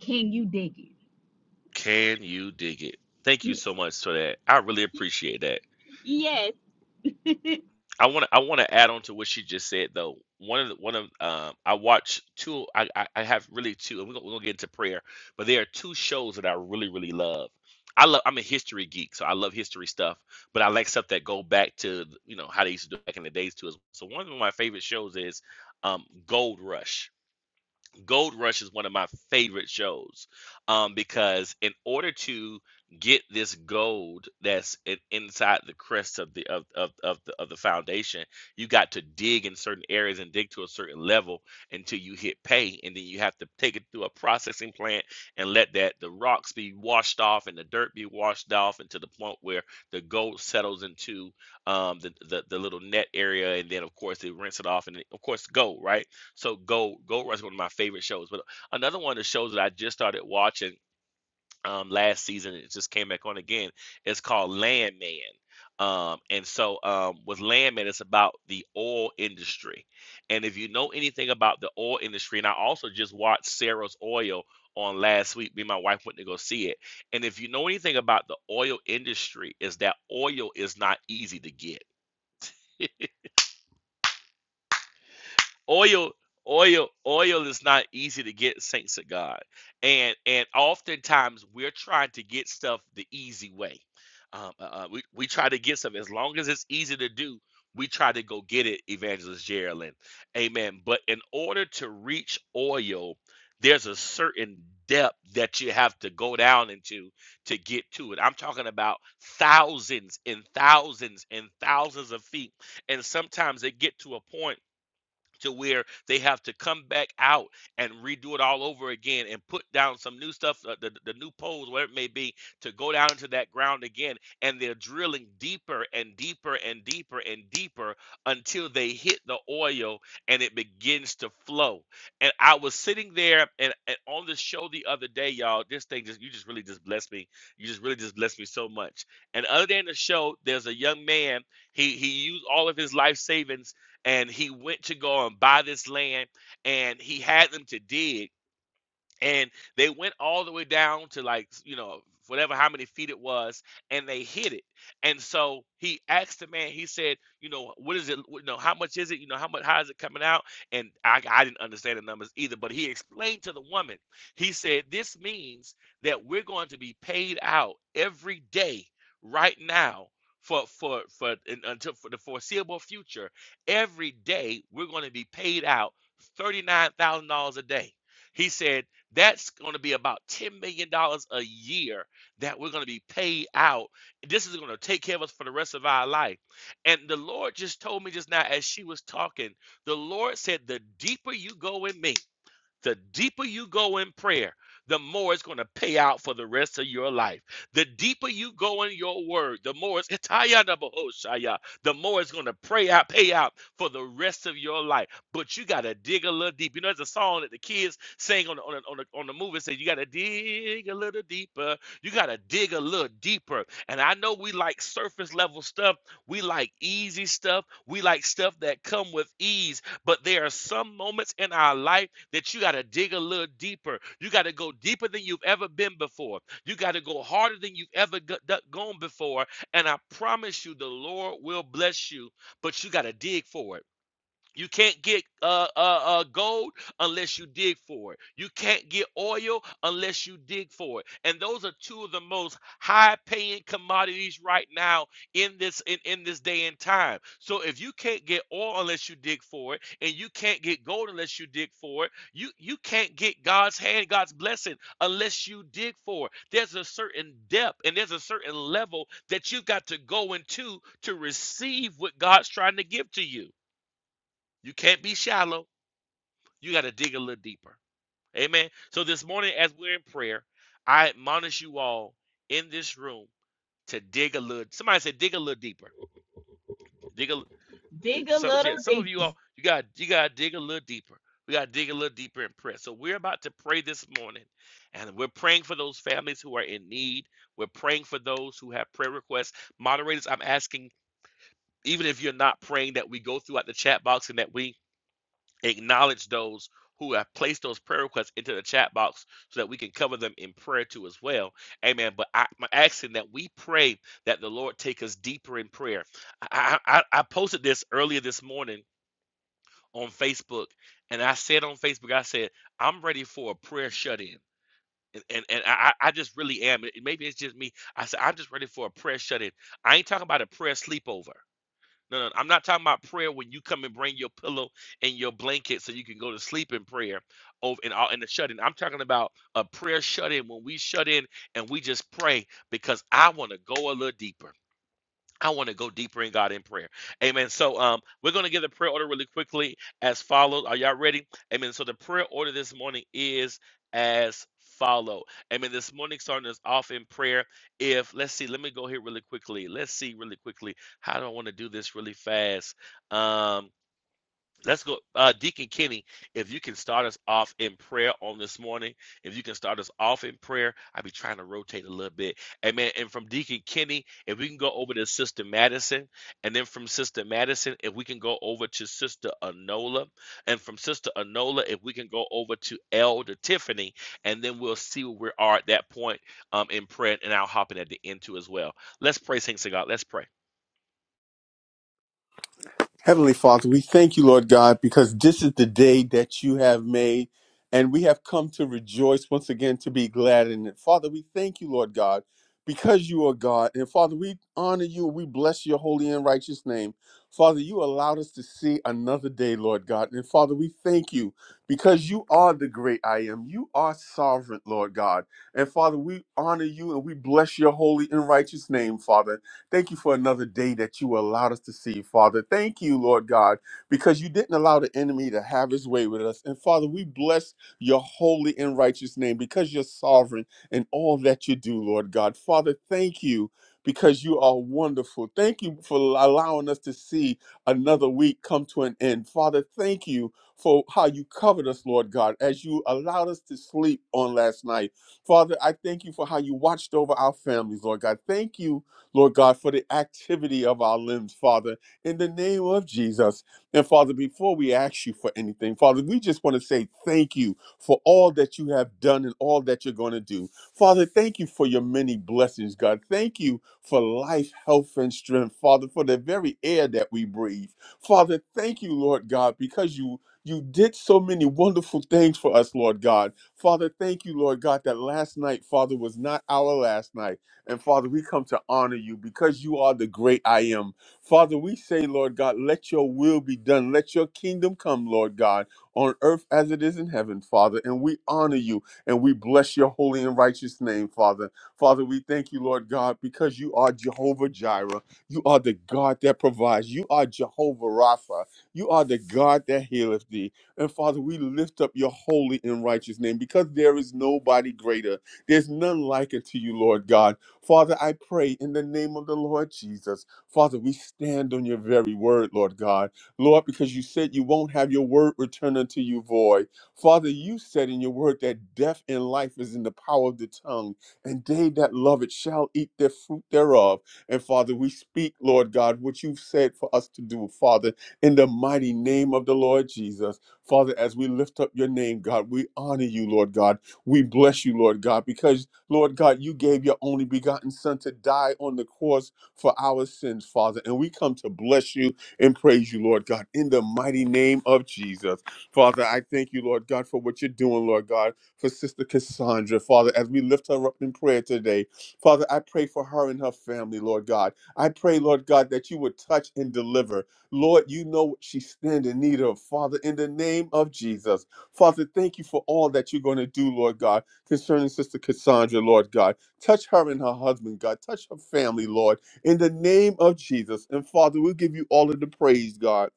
Speaker 6: Can you dig it?
Speaker 5: Can you dig it? Thank you
Speaker 6: Y-
Speaker 5: so much for that. I really appreciate that.
Speaker 6: Yes.
Speaker 5: I want to I want to add on to what she just said though. One of the, one of um, I watch two. I, I I have really two, and we're gonna, we're gonna get into prayer. But there are two shows that I really really love. I love. I'm a history geek, so I love history stuff. But I like stuff that go back to you know how they used to do back in the days too. So one of my favorite shows is um, Gold Rush. Gold Rush is one of my favorite shows um, because in order to get this gold that's in, inside the crest of the of, of, of the of the foundation, you got to dig in certain areas and dig to a certain level until you hit pay, and then you have to take it through a processing plant and let that the rocks be washed off and the dirt be washed off, and to the point where the gold settles into um, the, the the little net area, and then of course they rinse it off, and of course gold, right? So Gold Gold Rush is one of my favorite shows. But another one of the shows that I just started watching um, last season, it just came back on again. It's called Landman. Um, and so um, with Landman, it's about the oil industry. And if you know anything about the oil industry, and I also just watched Sarah's Oil on last week. Me and my wife went to go see it. And if you know anything about the oil industry, is that oil is not easy to get oil oil oil is not easy to get saints of god and and oftentimes we're trying to get stuff the easy way um, uh, uh, we, we try to get stuff as long as it's easy to do we try to go get it evangelist geraldine amen but in order to reach oil there's a certain depth that you have to go down into to get to it i'm talking about thousands and thousands and thousands of feet and sometimes they get to a point to where they have to come back out and redo it all over again and put down some new stuff, uh, the, the new poles, whatever it may be, to go down into that ground again. And they're drilling deeper and deeper and deeper and deeper until they hit the oil and it begins to flow. And I was sitting there and, and on the show the other day, y'all, this thing just, you just really just blessed me. You just really just blessed me so much. And other than the show, there's a young man, he, he used all of his life savings and he went to go and buy this land and he had them to dig and they went all the way down to like you know whatever how many feet it was and they hit it and so he asked the man he said you know what is it you know how much is it you know how much how is it coming out and i, I didn't understand the numbers either but he explained to the woman he said this means that we're going to be paid out every day right now for for for in, until for the foreseeable future every day we're going to be paid out $39000 a day he said that's going to be about $10 million dollars a year that we're going to be paid out. This is going to take care of us for the rest of our life. And the Lord just told me just now as she was talking, the Lord said, The deeper you go in me. The deeper you go in prayer, the more it's going to pay out for the rest of your life. The deeper you go in your word, the more it's Itayanabahoshaya, the more it's going to pray out, pay out for the rest of your life. But you got to dig a little deep. You know, there's a song that the kids sing on the, on the, on the, on the movie say you got to dig a little deeper. You got to dig a little deeper. And I know we like surface level stuff. We like easy stuff. We like stuff that come with ease but there are some moments in our life that you got to dig a little deeper. You got to go deeper than you've ever been before. You got to go harder than you've ever go- gone before. And I promise you, the Lord will bless you, but you got to dig for it. You can't get uh, uh, uh, gold unless you dig for it. You can't get oil unless you dig for it. And those are two of the most high-paying commodities right now in this in, in this day and time. So if you can't get oil unless you dig for it, and you can't get gold unless you dig for it, you you can't get God's hand, God's blessing unless you dig for it. There's a certain depth and there's a certain level that you've got to go into to receive what God's trying to give to you. You can't be shallow. You got to dig a little deeper. Amen. So this morning, as we're in prayer, I admonish you all in this room to dig a little. Somebody said, dig a little deeper. Dig a
Speaker 6: dig a
Speaker 5: some. Yeah, some
Speaker 6: little
Speaker 5: of you all, you got you got to dig a little deeper. We got to dig a little deeper in prayer. So we're about to pray this morning, and we're praying for those families who are in need. We're praying for those who have prayer requests. Moderators, I'm asking, even if you're not praying, that we go throughout the chat box and that we acknowledge those who have placed those prayer requests into the chat box so that we can cover them in prayer too as well. Amen. But I, am asking that we pray that the Lord take us deeper in prayer. I, I, I posted this earlier this morning on Facebook, and I said on Facebook, I said, I'm ready for a prayer shut in. And, and, and I, I just really am. Maybe it's just me. I said, I'm just ready for a prayer shut in. I ain't talking about a prayer sleepover. No, no, I'm not talking about prayer when you come and bring your pillow and your blanket so you can go to sleep in prayer over in all in the shut in. I'm talking about a prayer shut in when we shut in and we just pray because I want to go a little deeper. I want to go deeper in God in prayer. Amen. So um we're going to give the prayer order really quickly as follows. Are y'all ready? Amen. So the prayer order this morning is as follow. Amen. This morning starting us off in prayer. If let's see, let me go here really quickly. Let's see really quickly. How do I want to do this really fast? Um Let's go, uh, Deacon Kenny. If you can start us off in prayer on this morning, if you can start us off in prayer, I'll be trying to rotate a little bit, Amen. And from Deacon Kenny, if we can go over to Sister Madison, and then from Sister Madison, if we can go over to Sister Anola, and from Sister Anola, if we can go over to Elder Tiffany, and then we'll see where we are at that point um, in prayer, and I'll hop in at the end too as well. Let's pray, saints of God. Let's pray.
Speaker 3: Heavenly Father, we thank you, Lord God, because this is the day that you have made, and we have come to rejoice once again to be glad in it. Father, we thank you, Lord God, because you are God. And Father, we honor you and we bless your holy and righteous name. Father, you allowed us to see another day, Lord God. And Father, we thank you because you are the great I am. You are sovereign, Lord God. And Father, we honor you and we bless your holy and righteous name, Father. Thank you for another day that you allowed us to see, Father. Thank you, Lord God, because you didn't allow the enemy to have his way with us. And Father, we bless your holy and righteous name because you're sovereign in all that you do, Lord God. Father, thank you because you are wonderful. Thank you for allowing us to see another week come to an end. Father, thank you for how you covered us, Lord God, as you allowed us to sleep on last night. Father, I thank you for how you watched over our families, Lord God. Thank you Lord God, for the activity of our limbs, Father, in the name of Jesus. And Father, before we ask you for anything, Father, we just want to say thank you for all that you have done and all that you're going to do. Father, thank you for your many blessings, God. Thank you for life, health, and strength, Father, for the very air that we breathe. Father, thank you, Lord God, because you you did so many wonderful things for us, Lord God. Father, thank you, Lord God, that last night, Father, was not our last night. And Father, we come to honor you because you are the great I am. Father, we say, Lord God, let your will be done. Let your kingdom come, Lord God, on earth as it is in heaven, Father. And we honor you and we bless your holy and righteous name, Father. Father, we thank you, Lord God, because you are Jehovah Jireh. You are the God that provides. You are Jehovah Rapha. You are the God that healeth thee. And Father, we lift up your holy and righteous name because there is nobody greater. There's none like unto you, Lord God. Father, I pray in the name of the Lord Jesus. Father, we stand on your very word, Lord God. Lord, because you said you won't have your word return unto you void. Father, you said in your word that death and life is in the power of the tongue, and they that love it shall eat the fruit thereof. And Father, we speak, Lord God, what you've said for us to do, Father, in the mighty name of the Lord Jesus. Father, as we lift up your name, God, we honor you, Lord God. We bless you, Lord God, because Lord God, you gave your only begotten Son to die on the cross for our sins, Father. And we come to bless you and praise you, Lord God, in the mighty name of Jesus. Father, I thank you, Lord God, for what you're doing, Lord God, for Sister Cassandra, Father, as we lift her up in prayer today. Father, I pray for her and her family, Lord God. I pray, Lord God, that you would touch and deliver. Lord, you know what she stand in need of, Father, in the name of Jesus. Father, thank you for all that you're going to do, Lord God concerning Sister Cassandra, Lord God. Touch her and her husband, God. Touch her family, Lord, in the name of Jesus. And Father, we'll give you all of the praise, God.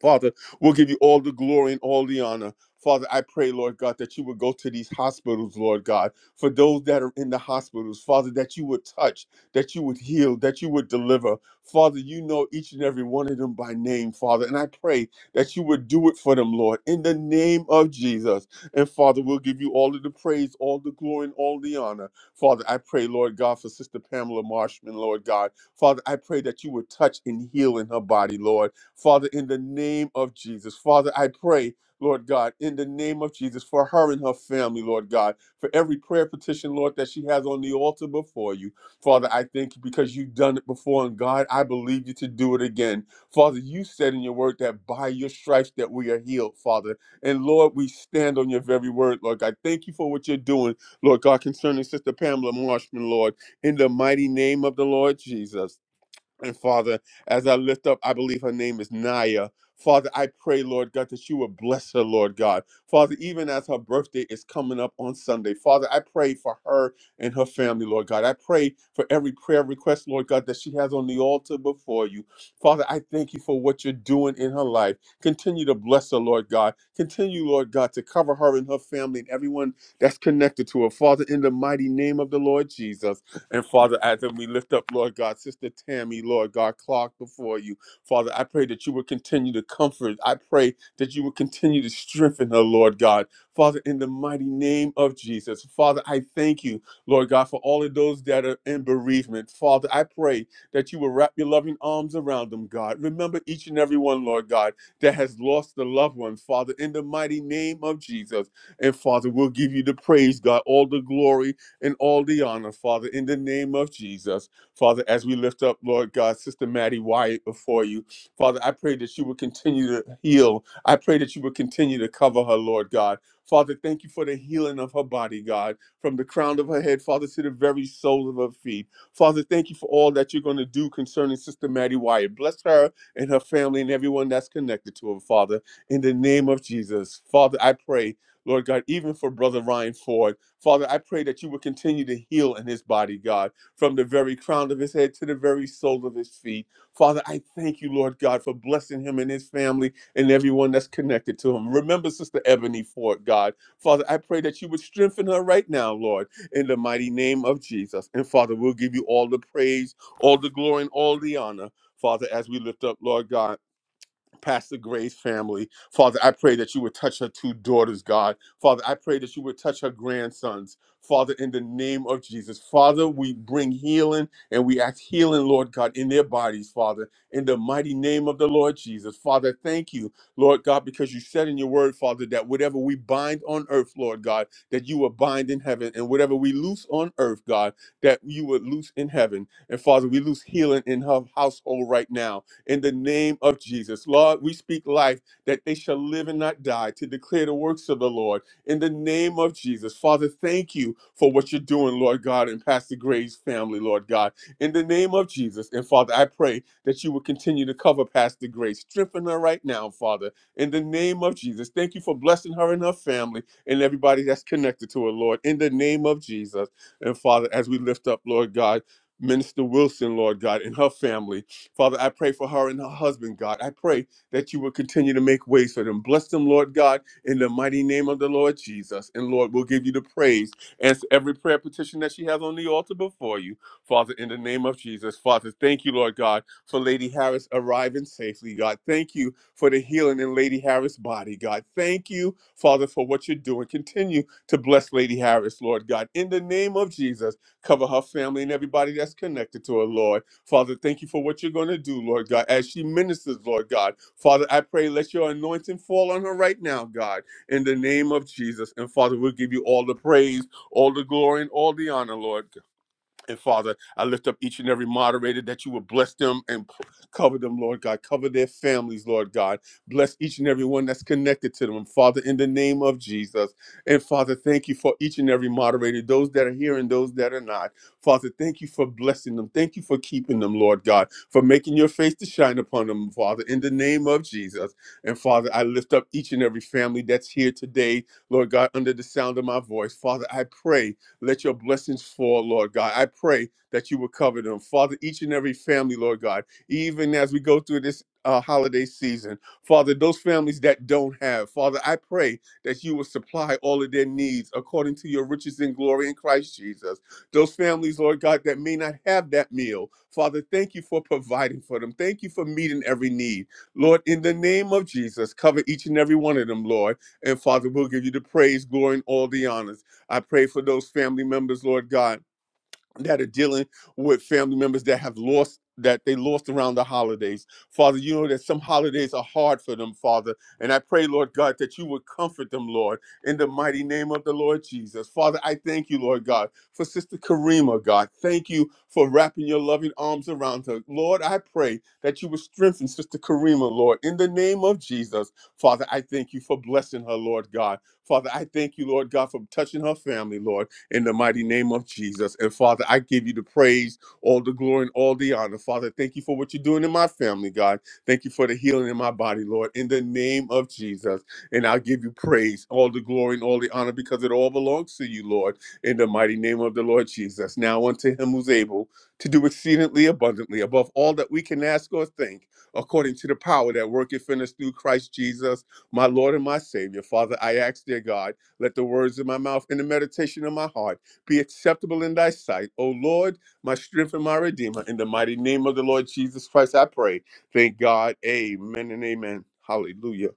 Speaker 3: Father, we'll give you all the glory and all the honor. Father, I pray, Lord God, that you would go to these hospitals, Lord God, for those that are in the hospitals, Father, that you would touch, that you would heal, that you would deliver. Father, you know each and every one of them by name, Father, and I pray that you would do it for them, Lord, in the name of Jesus. And Father, we'll give you all of the praise, all the glory, and all the honor. Father, I pray, Lord God, for Sister Pamela Marshman, Lord God. Father, I pray that you would touch and heal in her body, Lord. Father, in the name of Jesus. Father, I pray, Lord God, in the name of Jesus, for her and her family, Lord God, for every prayer petition, Lord, that she has on the altar before you. Father, I thank you because you've done it before, and God, I believe you to do it again. Father, you said in your word that by your stripes that we are healed, Father. And Lord, we stand on your very word, Lord God. Thank you for what you're doing, Lord God, concerning Sister Pamela Marshman, Lord, in the mighty name of the Lord Jesus. And Father, as I lift up, I believe her name is Naya. Father, I pray, Lord God, that you would bless her, Lord God. Father, even as her birthday is coming up on Sunday, Father, I pray for her and her family, Lord God. I pray for every prayer request, Lord God, that she has on the altar before you. Father, I thank you for what you're doing in her life. Continue to bless her, Lord God. Continue, Lord God, to cover her and her family and everyone that's connected to her. Father, in the mighty name of the Lord Jesus. And Father, as we lift up, Lord God, Sister Tammy, Lord God, Clark before you, Father, I pray that you would continue to comfort. I pray that you would continue to strengthen her, Lord God. Father, in the mighty name of Jesus, Father, I thank you, Lord God, for all of those that are in bereavement. Father, I pray that you will wrap your loving arms around them, God. Remember each and every one, Lord God, that has lost a loved one, Father, in the mighty name of Jesus. And Father, we'll give you the praise, God, all the glory, and all the honor, Father, in the name of Jesus. Father, as we lift up, Lord God, Sister Maddie Wyatt before you, Father, I pray that you would continue to heal. I pray that you would continue to cover her, Lord God. Father, thank you for the healing of her body, God, from the crown of her head, Father, to the very soles of her feet. Father, thank you for all that you're going to do concerning Sister Maddie Wyatt. Bless her and her family and everyone that's connected to her, Father, in the name of Jesus. Father, I pray, Lord God, even for Brother Ryan Ford. Father, I pray that you would continue to heal in his body, God, from the very crown of his head to the very sole of his feet. Father, I thank you, Lord God, for blessing him and his family and everyone that's connected to him. Remember Sister Ebony Ford, God. Father, I pray that you would strengthen her right now, Lord, in the mighty name of Jesus. And Father, we'll give you all the praise, all the glory, and all the honor, Father, as we lift up, Lord God. Pastor Gray's family. Father, I pray that you would touch her two daughters, God. Father, I pray that you would touch her grandsons. Father, in the name of Jesus. Father, we bring healing and we ask healing, Lord God, in their bodies, Father, in the mighty name of the Lord Jesus. Father, thank you, Lord God, because you said in your word, Father, that whatever we bind on earth, Lord God, that you will bind in heaven, and whatever we loose on earth, God, that you would loose in heaven. And Father, we loose healing in her household right now in the name of Jesus. Lord, we speak life that they shall live and not die to declare the works of the Lord in the name of Jesus. Father, thank you for what you're doing, Lord God, and Pastor Gray's family, Lord God, in the name of Jesus. And Father, I pray that you will continue to cover Pastor Gray. Strengthen her right now, Father, in the name of Jesus. Thank you for blessing her and her family and everybody that's connected to her, Lord, in the name of Jesus. And Father, as we lift up, Lord God, Minister Wilson, Lord God, and her family. Father, I pray for her and her husband, God. I pray that you will continue to make ways for them. Bless them, Lord God, in the mighty name of the Lord Jesus. And Lord, we'll give you the praise. Answer every prayer petition that she has on the altar before you, Father, in the name of Jesus. Father, thank you, Lord God, for Lady Harris arriving safely, God. Thank you for the healing in Lady Harris' body, God. Thank you, Father, for what you're doing. Continue to bless Lady Harris, Lord God. In the name of Jesus, cover her family and everybody that's connected to her, Lord. Father, thank you for what you're going to do, Lord God, as she ministers, Lord God. Father, I pray, let your anointing fall on her right now, God, in the name of Jesus. And Father, we'll give you all the praise, all the glory, and all the honor, Lord. And Father, I lift up each and every moderator that you would bless them and p- cover them, Lord God. Cover their families, Lord God. Bless each and every one that's connected to them, and Father, in the name of Jesus. And Father, thank you for each and every moderator, those that are here and those that are not. Father, thank you for blessing them. Thank you for keeping them, Lord God, for making your face to shine upon them, Father, in the name of Jesus. And Father, I lift up each and every family that's here today, Lord God, under the sound of my voice. Father, I pray. Let your blessings fall, Lord God. I pray that you will cover them. Father, each and every family, Lord God, even as we go through this uh, holiday season, Father, those families that don't have, Father, I pray that you will supply all of their needs according to your riches and glory in Christ Jesus. Those families, Lord God, that may not have that meal, Father, thank you for providing for them. Thank you for meeting every need. Lord, in the name of Jesus, cover each and every one of them, Lord. And Father, we'll give you the praise, glory, and all the honors. I pray for those family members, Lord God, that are dealing with family members that have lost that they lost around the holidays. Father, you know that some holidays are hard for them, Father. And I pray, Lord God, that you would comfort them, Lord, in the mighty name of the Lord Jesus. Father, I thank you, Lord God, for Sister Karima, God. Thank you for wrapping your loving arms around her. Lord, I pray that you would strengthen Sister Karima, Lord, in the name of Jesus. Father, I thank you for blessing her, Lord God. Father, I thank you, Lord God, for touching her family, Lord in the mighty name of Jesus. And Father, I give you the praise, all the glory, and all the honor. Father, thank you for what you're doing in my family, God. Thank you for the healing in my body, Lord, in the name of Jesus. And I'll give you praise, all the glory, and all the honor because it all belongs to you, Lord, in the mighty name of the Lord Jesus. Now unto him who's able to do exceedingly abundantly above all that we can ask or think, according to the power that worketh in us through Christ Jesus, my Lord and my Savior. Father, I ask, dear God. Let the words of my mouth and the meditation of my heart be acceptable in thy sight. O Lord, my strength and my redeemer. In the mighty name of the Lord Jesus Christ, I pray. Thank God. Amen and amen. Hallelujah.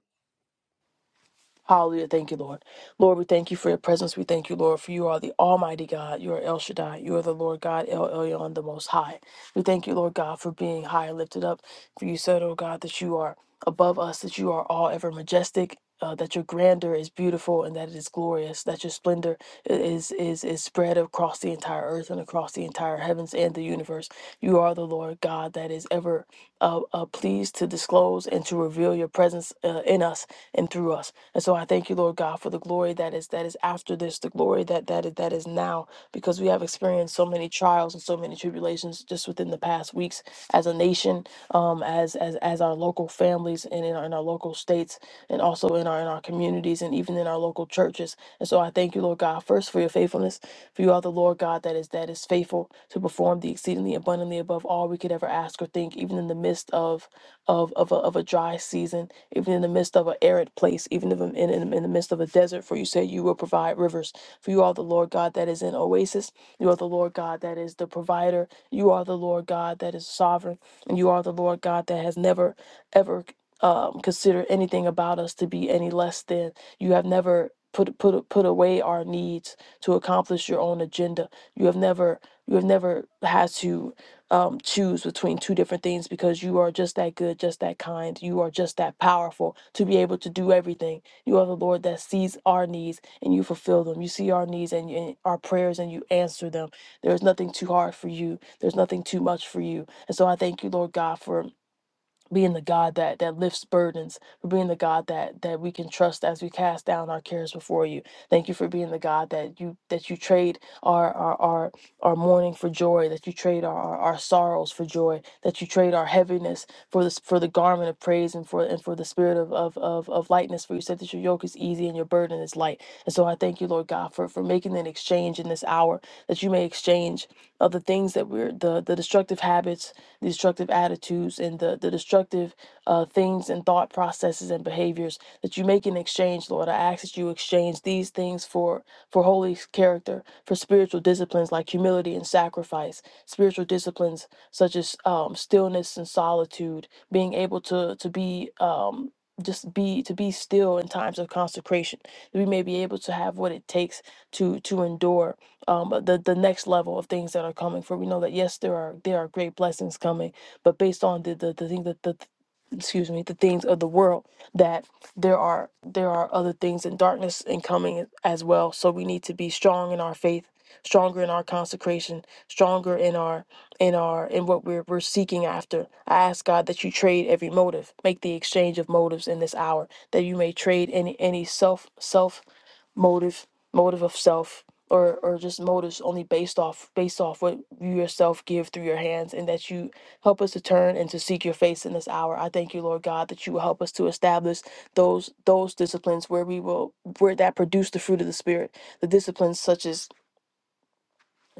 Speaker 7: Hallelujah. Thank you, Lord. Lord, we thank you for your presence. We thank you, Lord, for you are the Almighty God. You are El Shaddai. You are the Lord God, El Elyon, the Most High. We thank you, Lord God, for being high and lifted up. For you said, oh God, that you are above us, that you are all ever majestic. Uh, that your grandeur is beautiful and that it is glorious. That your splendor i- is is is spread across the entire earth and across the entire heavens and the universe. You are the Lord God that is ever uh, uh, pleased to disclose and to reveal your presence uh, in us and through us. And so I thank you, Lord God, for the glory that is that is after this, the glory that that is, that is now, because we have experienced so many trials and so many tribulations just within the past weeks as a nation, um, um, as as as our local families and in our, in our local states and also in our in our communities and even in our local churches. And so I thank you, Lord God, first for your faithfulness. For you are the Lord God that is that is faithful to perform the exceedingly abundantly above all we could ever ask or think, even in the midst of of of a, of a dry season, even in the midst of an arid place, even if in, in in the midst of a desert. For you say you will provide rivers. For you are the Lord God that is an oasis. You are the Lord God that is the provider. You are the Lord God that is sovereign. And you are the Lord God that has never, ever um, considered anything about us to be any less than. You have never put put put away our needs to accomplish your own agenda. You have never you have never had to um, choose between two different things because you are just that good, just that kind. You are just that powerful to be able to do everything. You are the Lord that sees our needs and you fulfill them. You see our needs and, and our prayers and you answer them. There is nothing too hard for you. There's nothing too much for you. And so I thank you, Lord God, for being the God that that lifts burdens, for being the God that that we can trust as we cast down our cares before you. Thank you for being the God that you that you trade our our our, our mourning for joy, that you trade our, our our sorrows for joy, that you trade our heaviness for this for the garment of praise and for and for the spirit of of of, of lightness. For you said that your yoke is easy and your burden is light. And so I thank you, Lord God, for for making an exchange in this hour that you may exchange of the things that we're the the destructive habits the destructive attitudes and the, the destructive uh, things and thought processes and behaviors that you make in exchange, Lord. I ask that you exchange these things for, for holy character, for spiritual disciplines like humility and sacrifice, spiritual disciplines such as um, stillness and solitude, being able to, to be. Um, just be to be still in times of consecration that we may be able to have what it takes to to endure um, the the next level of things that are coming for we know that yes there are there are great blessings coming but based on the the, the thing that the excuse me the things of the world that there are there are other things in darkness and coming as well so we need to be strong in our faith stronger in our consecration stronger in our in our in what we're we're seeking after i ask god that you trade every motive make the exchange of motives in this hour that you may trade any any self self motive motive of self or or just motives only based off based off what you yourself give through your hands and that you help us to turn and to seek your face in this hour i thank you lord god that you will help us to establish those those disciplines where we will where that produce the fruit of the spirit the disciplines such as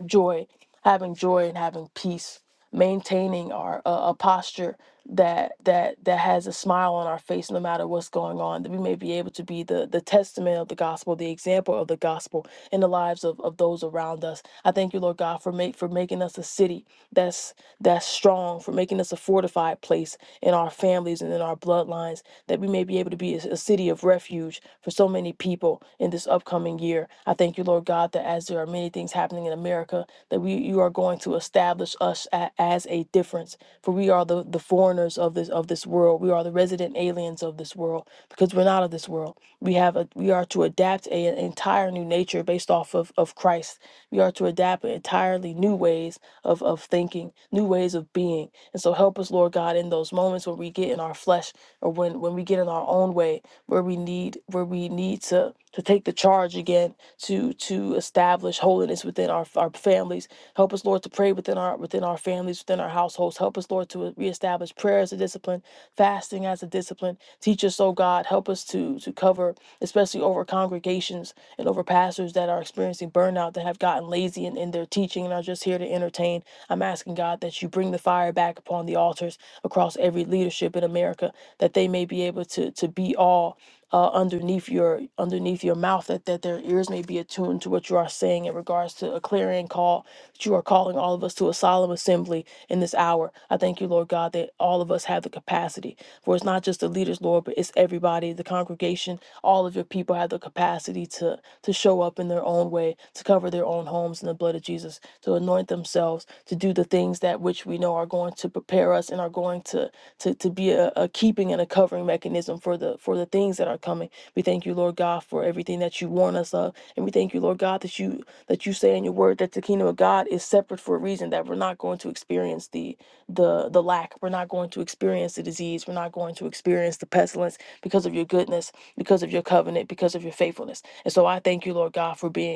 Speaker 7: joy, having joy and having peace, maintaining our uh, a posture that that that has a smile on our face no matter what's going on, that we may be able to be the the testament of the gospel, the example of the gospel in the lives of, of those around us. I thank you, Lord God, for make for making us a city that's that's strong, for making us a fortified place in our families and in our bloodlines, that we may be able to be a, a city of refuge for so many people in this upcoming year. I thank you, Lord God, that that as there are many things happening in America, that we you are going to establish us a, as a difference. For we are the, the foreigners of this of this world. We are the resident aliens of this world because we're not of this world. We have a, we are to adapt a, an entire new nature based off of, of Christ. We are to adapt entirely new ways of, of thinking, new ways of being. And so help us, Lord God, in those moments when we get in our flesh or when, when we get in our own way where we need where we need to to take the charge again to to establish holiness within our our families Help us, Lord, to pray within our within our families, within our households. Help us, Lord, to reestablish prayer as a discipline, fasting as a discipline. Teach us, oh God, help us to to cover, especially over congregations and over pastors that are experiencing burnout, that have gotten lazy in, in their teaching and are just here to entertain. I'm asking God that you bring the fire back upon the altars across every leadership in America, that they may be able to to be all uh, underneath your underneath your mouth that, that their ears may be attuned to what you are saying in regards to a clarion call that you are calling all of us to a solemn assembly in this hour i thank you lord god that all of us have the capacity for it's not just the leaders lord but it's everybody the congregation all of your people have the capacity to to show up in their own way to cover cover their own homes in the blood of Jesus, to anoint themselves, to do the things that which we know are going to prepare us and are going to to, to be a, a keeping and a covering mechanism for the for the things that are coming. We thank you, Lord God, for everything that you warn us of. And we thank you, Lord God, that you that you say in your word that the kingdom of God is separate for a reason, that we're not going to experience the the the lack. We're not going to experience the disease. We're not going to experience the pestilence because of your goodness, because of your covenant, because of your faithfulness. And so I thank you, Lord God, for being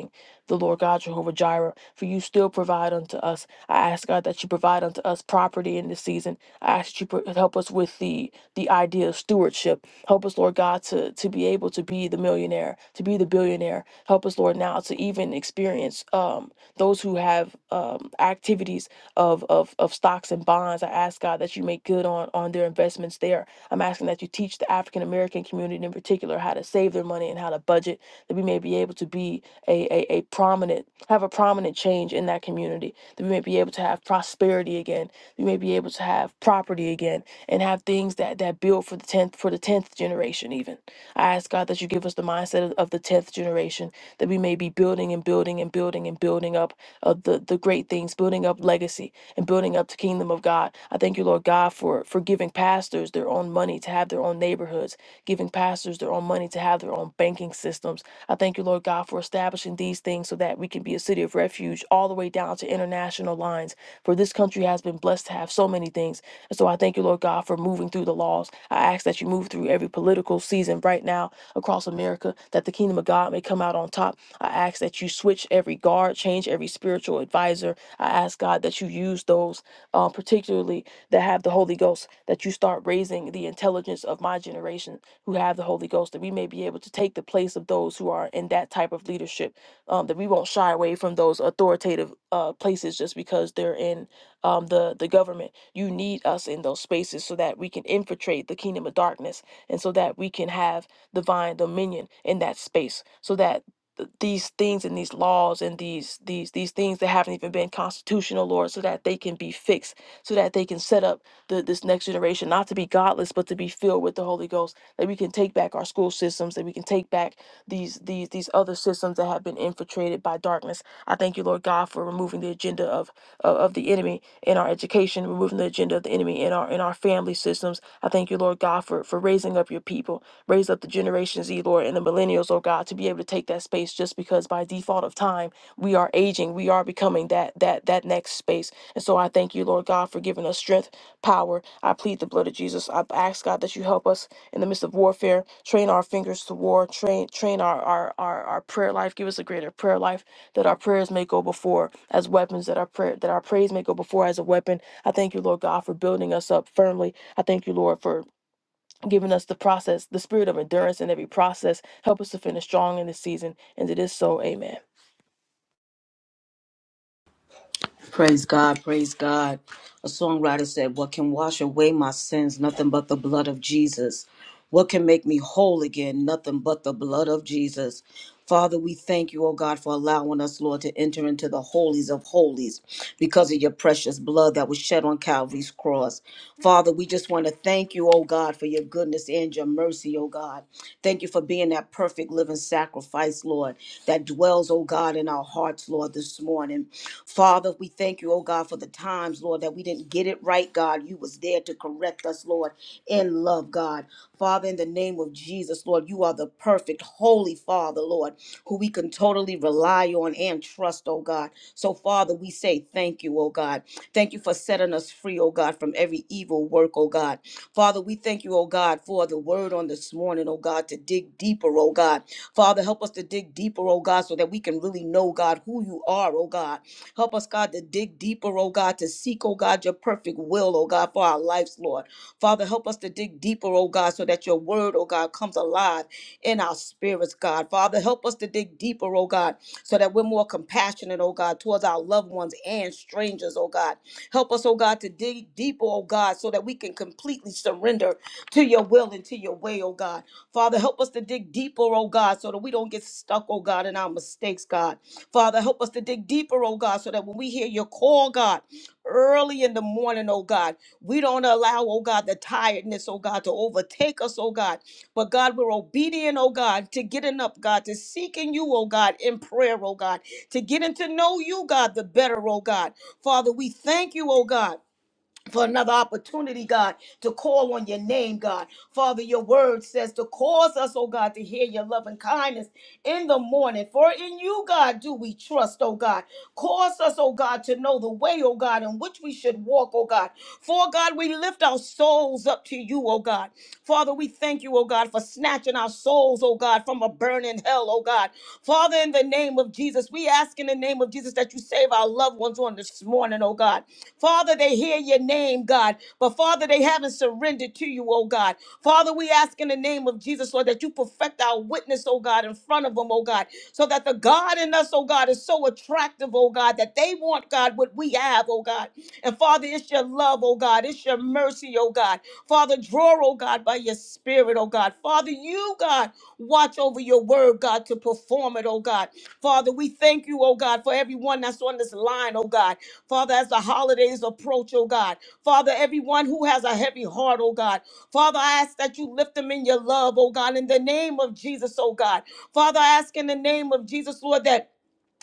Speaker 7: the Lord God, Jehovah Jireh, for you still provide unto us. I ask God that you provide unto us property in this season. I ask that you pro- help us with the the idea of stewardship. Help us, Lord God, to to be able to be the millionaire, to be the billionaire. Help us, Lord, now to even experience um, those who have um, activities of, of of stocks and bonds. I ask God that you make good on on their investments there. I'm asking that you teach the African American community in particular how to save their money and how to budget, that we may be able to be a, a, a prominent have a prominent change in that community that we may be able to have prosperity again we may be able to have property again and have things that that build for the 10th for the 10th generation even i ask god that you give us the mindset of, of the 10th generation that we may be building and building and building and building up of the the great things building up legacy and building up the kingdom of god i thank you lord god for for giving pastors their own money to have their own neighborhoods giving pastors their own money to have their own banking systems I thank you, Lord God, for establishing these things so that we can be a city of refuge all the way down to international lines. For this country has been blessed to have so many things. And so I thank you, Lord God, for moving through the laws. I ask that you move through every political season right now across America, that the kingdom of God may come out on top. I ask that you switch every guard, change every spiritual advisor. I ask, God, that you use those, uh, particularly that have the Holy Ghost, that you start raising the intelligence of my generation who have the Holy Ghost, that we may be able to take the place of those who are in that type of leadership, um, that we won't shy away from those authoritative uh, places just because they're in um, the, the government. You need us in those spaces so that we can infiltrate the kingdom of darkness and so that we can have divine dominion in that space so that th- these things and these laws and these these these things that haven't even been constitutional lord so that they can be fixed so that they can set up the, this next generation not to be godless but to be filled with the holy ghost that we can take back our school systems, that we can take back these these these other systems that have been infiltrated by darkness. I thank you, Lord God, for removing the agenda of of, of the enemy in our education, removing the agenda of the enemy in our in our family systems. I thank you, Lord God, for for raising up your people, raise up the Generation Z, Lord, and the millennials, oh God, to be able to take that space just because by default of time we are aging, we are becoming that that that next space. And so I thank you, Lord God, for giving us strength, power. I plead the blood of Jesus. I ask God that you help us in the midst of warfare. Train our fingers to war. Train train our, our, our, our prayer life. Give us a greater prayer life that our prayers may go before as weapons, that our prayer that our praise may go before as a weapon. I thank you, Lord God, for building us up firmly. I thank you, Lord, for giving us the process, the spirit of endurance in every process. Help us to finish strong in this season. And it is so. Amen.
Speaker 4: Praise God, praise God. A songwriter said, What can wash away my sins? Nothing but the blood of Jesus. What can make me whole again? Nothing but the blood of Jesus. Father, we thank you, oh God, for allowing us, Lord, to enter into the holies of holies because of your precious blood that was shed on Calvary's cross. Father, we just want to thank you, oh God, for your goodness and your mercy, oh God. Thank you for being that perfect living sacrifice, Lord, that dwells, oh God, in our hearts, Lord, this morning. Father, we thank you, oh God, for the times, Lord, that we didn't get it right, God. You was there to correct us, Lord, in love, God. Father, in the name of Jesus, Lord, you are the perfect, holy Father, Lord, who we can totally rely on and trust, oh God. So, Father, we say thank you, oh God. Thank you for setting us free, oh God, from every evil work, oh God. Father, we thank you, oh God, for the word on this morning, oh God, to dig deeper, oh God. Father, help us to dig deeper, oh God, so that we can really know, God, who you are, oh God. Help us, God, to dig deeper, oh God, to seek, oh God, your perfect will, oh God, for our lives, Lord. Father, help us to dig deeper, oh God, so that your word, oh God, comes alive in our spirits, God. Father, help us to dig deeper, oh God, so that we're more compassionate, oh God, towards our loved ones and strangers, oh God. Help us, oh God, to dig deeper, oh God, so that we can completely surrender to your will and to your way, oh God. Father, help us to dig deeper, oh God, so that we don't get stuck, oh God, in our mistakes, God. Father, help us to dig deeper, oh God, so that when we hear your call, God, early in the morning, oh God, we don't allow, oh God, the tiredness, oh God, to overtake us, oh God. But God, we're obedient, oh God, to getting up, God, to seeking you, oh God, in prayer, oh God, to getting to know you, God, the better, oh God. Father, we thank you, oh God. For another opportunity, God, to call on your name, God. Father, your word says to cause us, oh God, to hear your loving kindness in the morning. For in you, God, do we trust, oh God. Cause us, oh God, to know the way, oh God, in which we should walk, oh God. For God, we lift our souls up to you, oh God. Father, we thank you, oh God, for snatching our souls, oh God, from a burning hell, oh God. Father, in the name of Jesus, we ask in the name of Jesus that you save our loved ones on on this morning, oh God. Father, they hear your name, God, but Father, they haven't surrendered to you, oh God. Father, we ask in the name of Jesus, Lord, that you perfect our witness, oh God, in front of them, oh God, so that the God in us, oh God, is so attractive, oh God, that they want, God, what we have, oh God. And Father, it's your love, oh God, it's your mercy, oh God. Father, draw, oh God, by your spirit, oh God. Father, you, God, watch over your word, God, to perform it, oh God. Father, we thank you, oh God, for everyone that's on this line, oh God. Father, as the holidays approach, oh God. Father, everyone who has a heavy heart, oh God. Father, I ask that you lift them in your love, oh God, in the name of Jesus, oh God. Father, I ask in the name of Jesus, Lord, that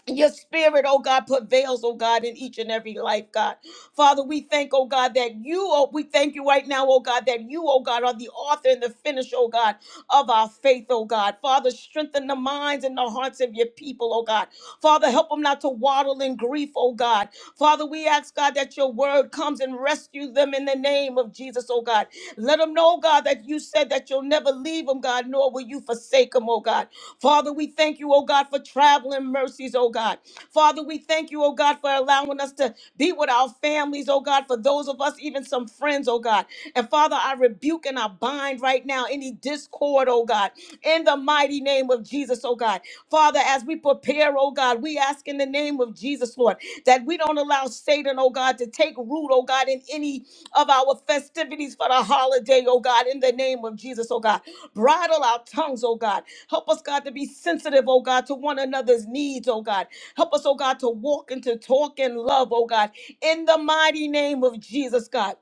Speaker 4: your spirit, oh God, prevails, oh God, in each and every life, God. Father, we thank, oh God, that you, oh, we thank you right now, oh God, that you, oh God, are the author and the finish, oh God, of our faith, oh God. Father, strengthen the minds and the hearts of your people, oh God. Father, help them not to waddle in grief, oh God. Father, we ask, God, that your word comes and rescue them in the name of Jesus, oh God. Let them know, God, that you said that you'll never leave them, God, nor will you forsake them, oh God. Father, we thank you, oh God, for traveling mercies, oh God. Father, we thank you, oh God, for allowing us to be with our families, oh God, for those of us, even some friends, oh God. And Father, I rebuke and I bind bind right now any discord, oh God, in the mighty name of Jesus, oh God. Father, as we prepare, oh God, we ask in the name of Jesus, Lord, that we don't allow Satan, oh God, to take root, oh God, in any of our festivities for the holiday, oh God, in the name of Jesus, oh God. Bridle our tongues, oh God. Help us, God, to be sensitive, oh God, to one another's needs, oh God. Help us, oh God, to walk and to talk in love, oh God, in the mighty name of Jesus, God.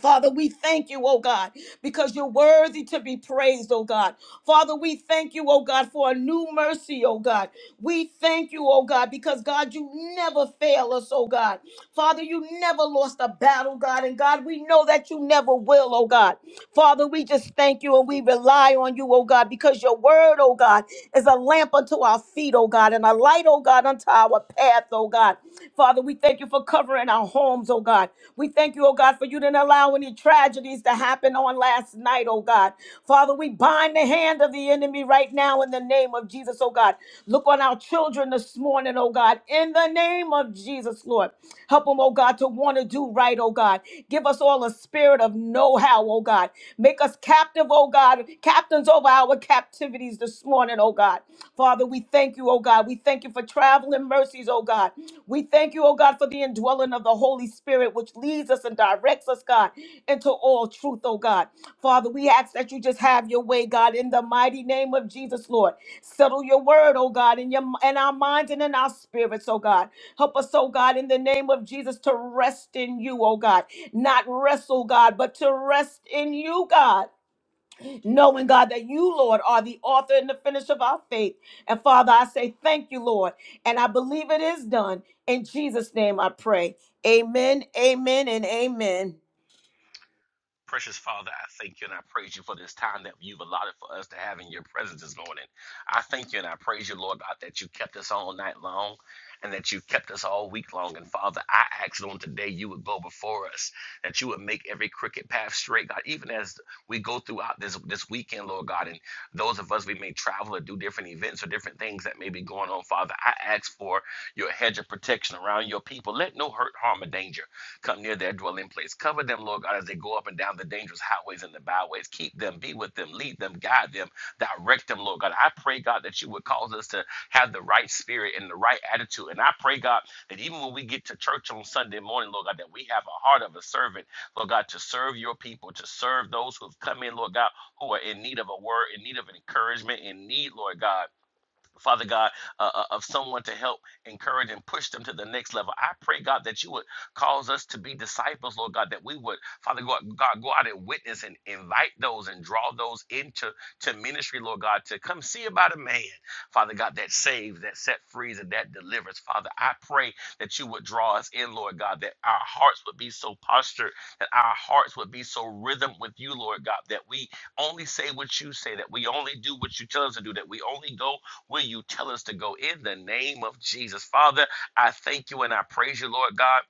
Speaker 4: Father, we thank you, oh God, because you're worthy to be praised, oh God. Father, we thank you, oh God, for a new mercy, oh God. We thank you, oh God, because God, you never fail us, oh God. Father, you never lost a battle, God. And God, we know that you never will, oh God. Father, we just thank you and we rely on you, oh God, because your word, oh God, is a lamp unto our feet, oh God, and a light, oh God, unto our path, oh God. Father, we thank you for covering our homes, oh God. We thank you, oh God, for you didn't allow any tragedies to happen on last night, oh God. Father, we bind the hand of the enemy right now in the name of Jesus, oh God. Look on our children this morning, oh God, in the name of Jesus. Jesus, Lord. Help them, oh God, to want to do right, oh God. Give us all a spirit of know how, oh God. Make us captive, oh God, captains over our captivities this morning, oh God. Father, we thank you, oh God. We thank you for traveling mercies, oh God. We thank you, oh God, for the indwelling of the Holy Spirit, which leads us and directs us, God, into all truth, oh God. Father, we ask that you just have your way, God, in the mighty name of Jesus, Lord. Settle your word, oh God, in your in our minds and in our spirits, oh God. Help us, oh God, in the name of Jesus to rest in you, oh God. Not wrestle, God, but to rest in you, God. Knowing, God, that you, Lord, are the author and the finisher of our faith. And Father, I say thank you, Lord. And I believe it is done. In Jesus' name I pray. Amen, amen, and amen.
Speaker 5: Us to having your morning. I about that. all night long and that you kept us all week long. And Father, I asked on today you would go before us, that you would make every crooked path straight, God, even as we go throughout this this weekend, Lord God, and those of us we may travel or do different events or different things that may be going on, Father. I ask for your hedge of protection. let no danger come near their dwelling place. Cover them, Lord God, as they the dangerous highways always keep them, be with them, lead them, guide them, direct them, Lord God. I pray, God, that you would cause us to have the right spirit and the right attitude. And I pray, God, that even when we get to church on Sunday morning, Lord God, that we have a heart of a servant, Lord God, to serve your people, to serve those who've come in, Lord God, who are in need of a word, in need of an encouragement, in need, Lord God. Father God, uh, uh, of someone to help encourage and push them to the next level. I pray, God, that you would cause us to be disciples, Lord God, that we would, Father God, God go out and witness and invite those and draw those into to ministry, Lord God, to come see about a man, Father God, that saves, that set free, and that delivers. Father, I pray that you would draw us in, Lord God, that our hearts would be so postured, that our hearts would be so rhythm with you, Lord God, that we only say what you say, that we only do what you tell us to do, that we only go where you tell us to go in the name of Jesus. Father, I thank you and I praise you, Lord God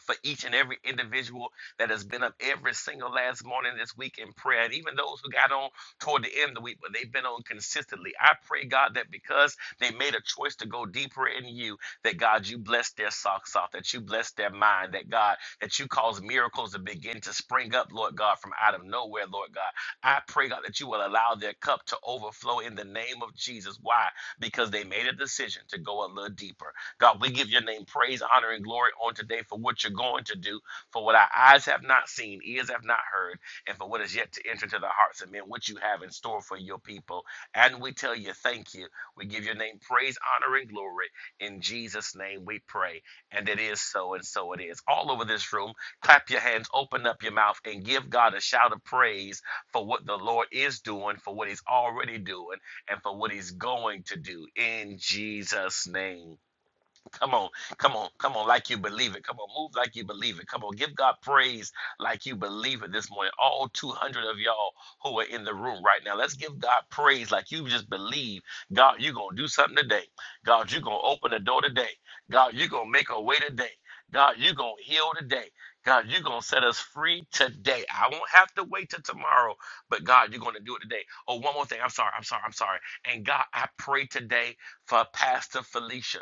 Speaker 5: for each and every individual that has been up every single last morning this week in prayer, and even those who got on toward the end of the week, but they've been on consistently. I pray, God, that because they made a choice to go deeper in you, that God, you bless their socks off, that you bless their mind, that God, that you cause miracles to begin to spring up, Lord God, from out of nowhere, Lord God. I pray, God, that you will allow their cup to overflow in the name of Jesus. Why? Because they made a decision to go a little deeper. God, we give your name praise, honor, and glory on today for what you're going to do, for what our eyes have not seen, ears have not heard, and for what is yet to enter into the hearts of men, what you have in store for your people. And we tell you, thank you. We give your name praise, honor, and glory. In Jesus' name we pray. And it is so, and so it is. All over this room, clap your hands, open up your mouth, and give God a shout of praise for what the Lord is doing, for what He's already doing, and for what He's going to do in Jesus' name. Come on, come on, come on, like you believe it. Come on, move like you believe it. Come on, give God praise like you believe it this morning. All 200 of y'all who are in the room right now, let's give God praise like you just believe God, you're going to do something today. God, you're going to open the door today. God, you're going to make a way today. God, you're going to heal today. God, you're going to set us free today. I won't have to wait till tomorrow, but God, you're going to do it today. Oh, one more thing. I'm sorry. I'm sorry. I'm sorry. And God, I pray today for Pastor Felicia.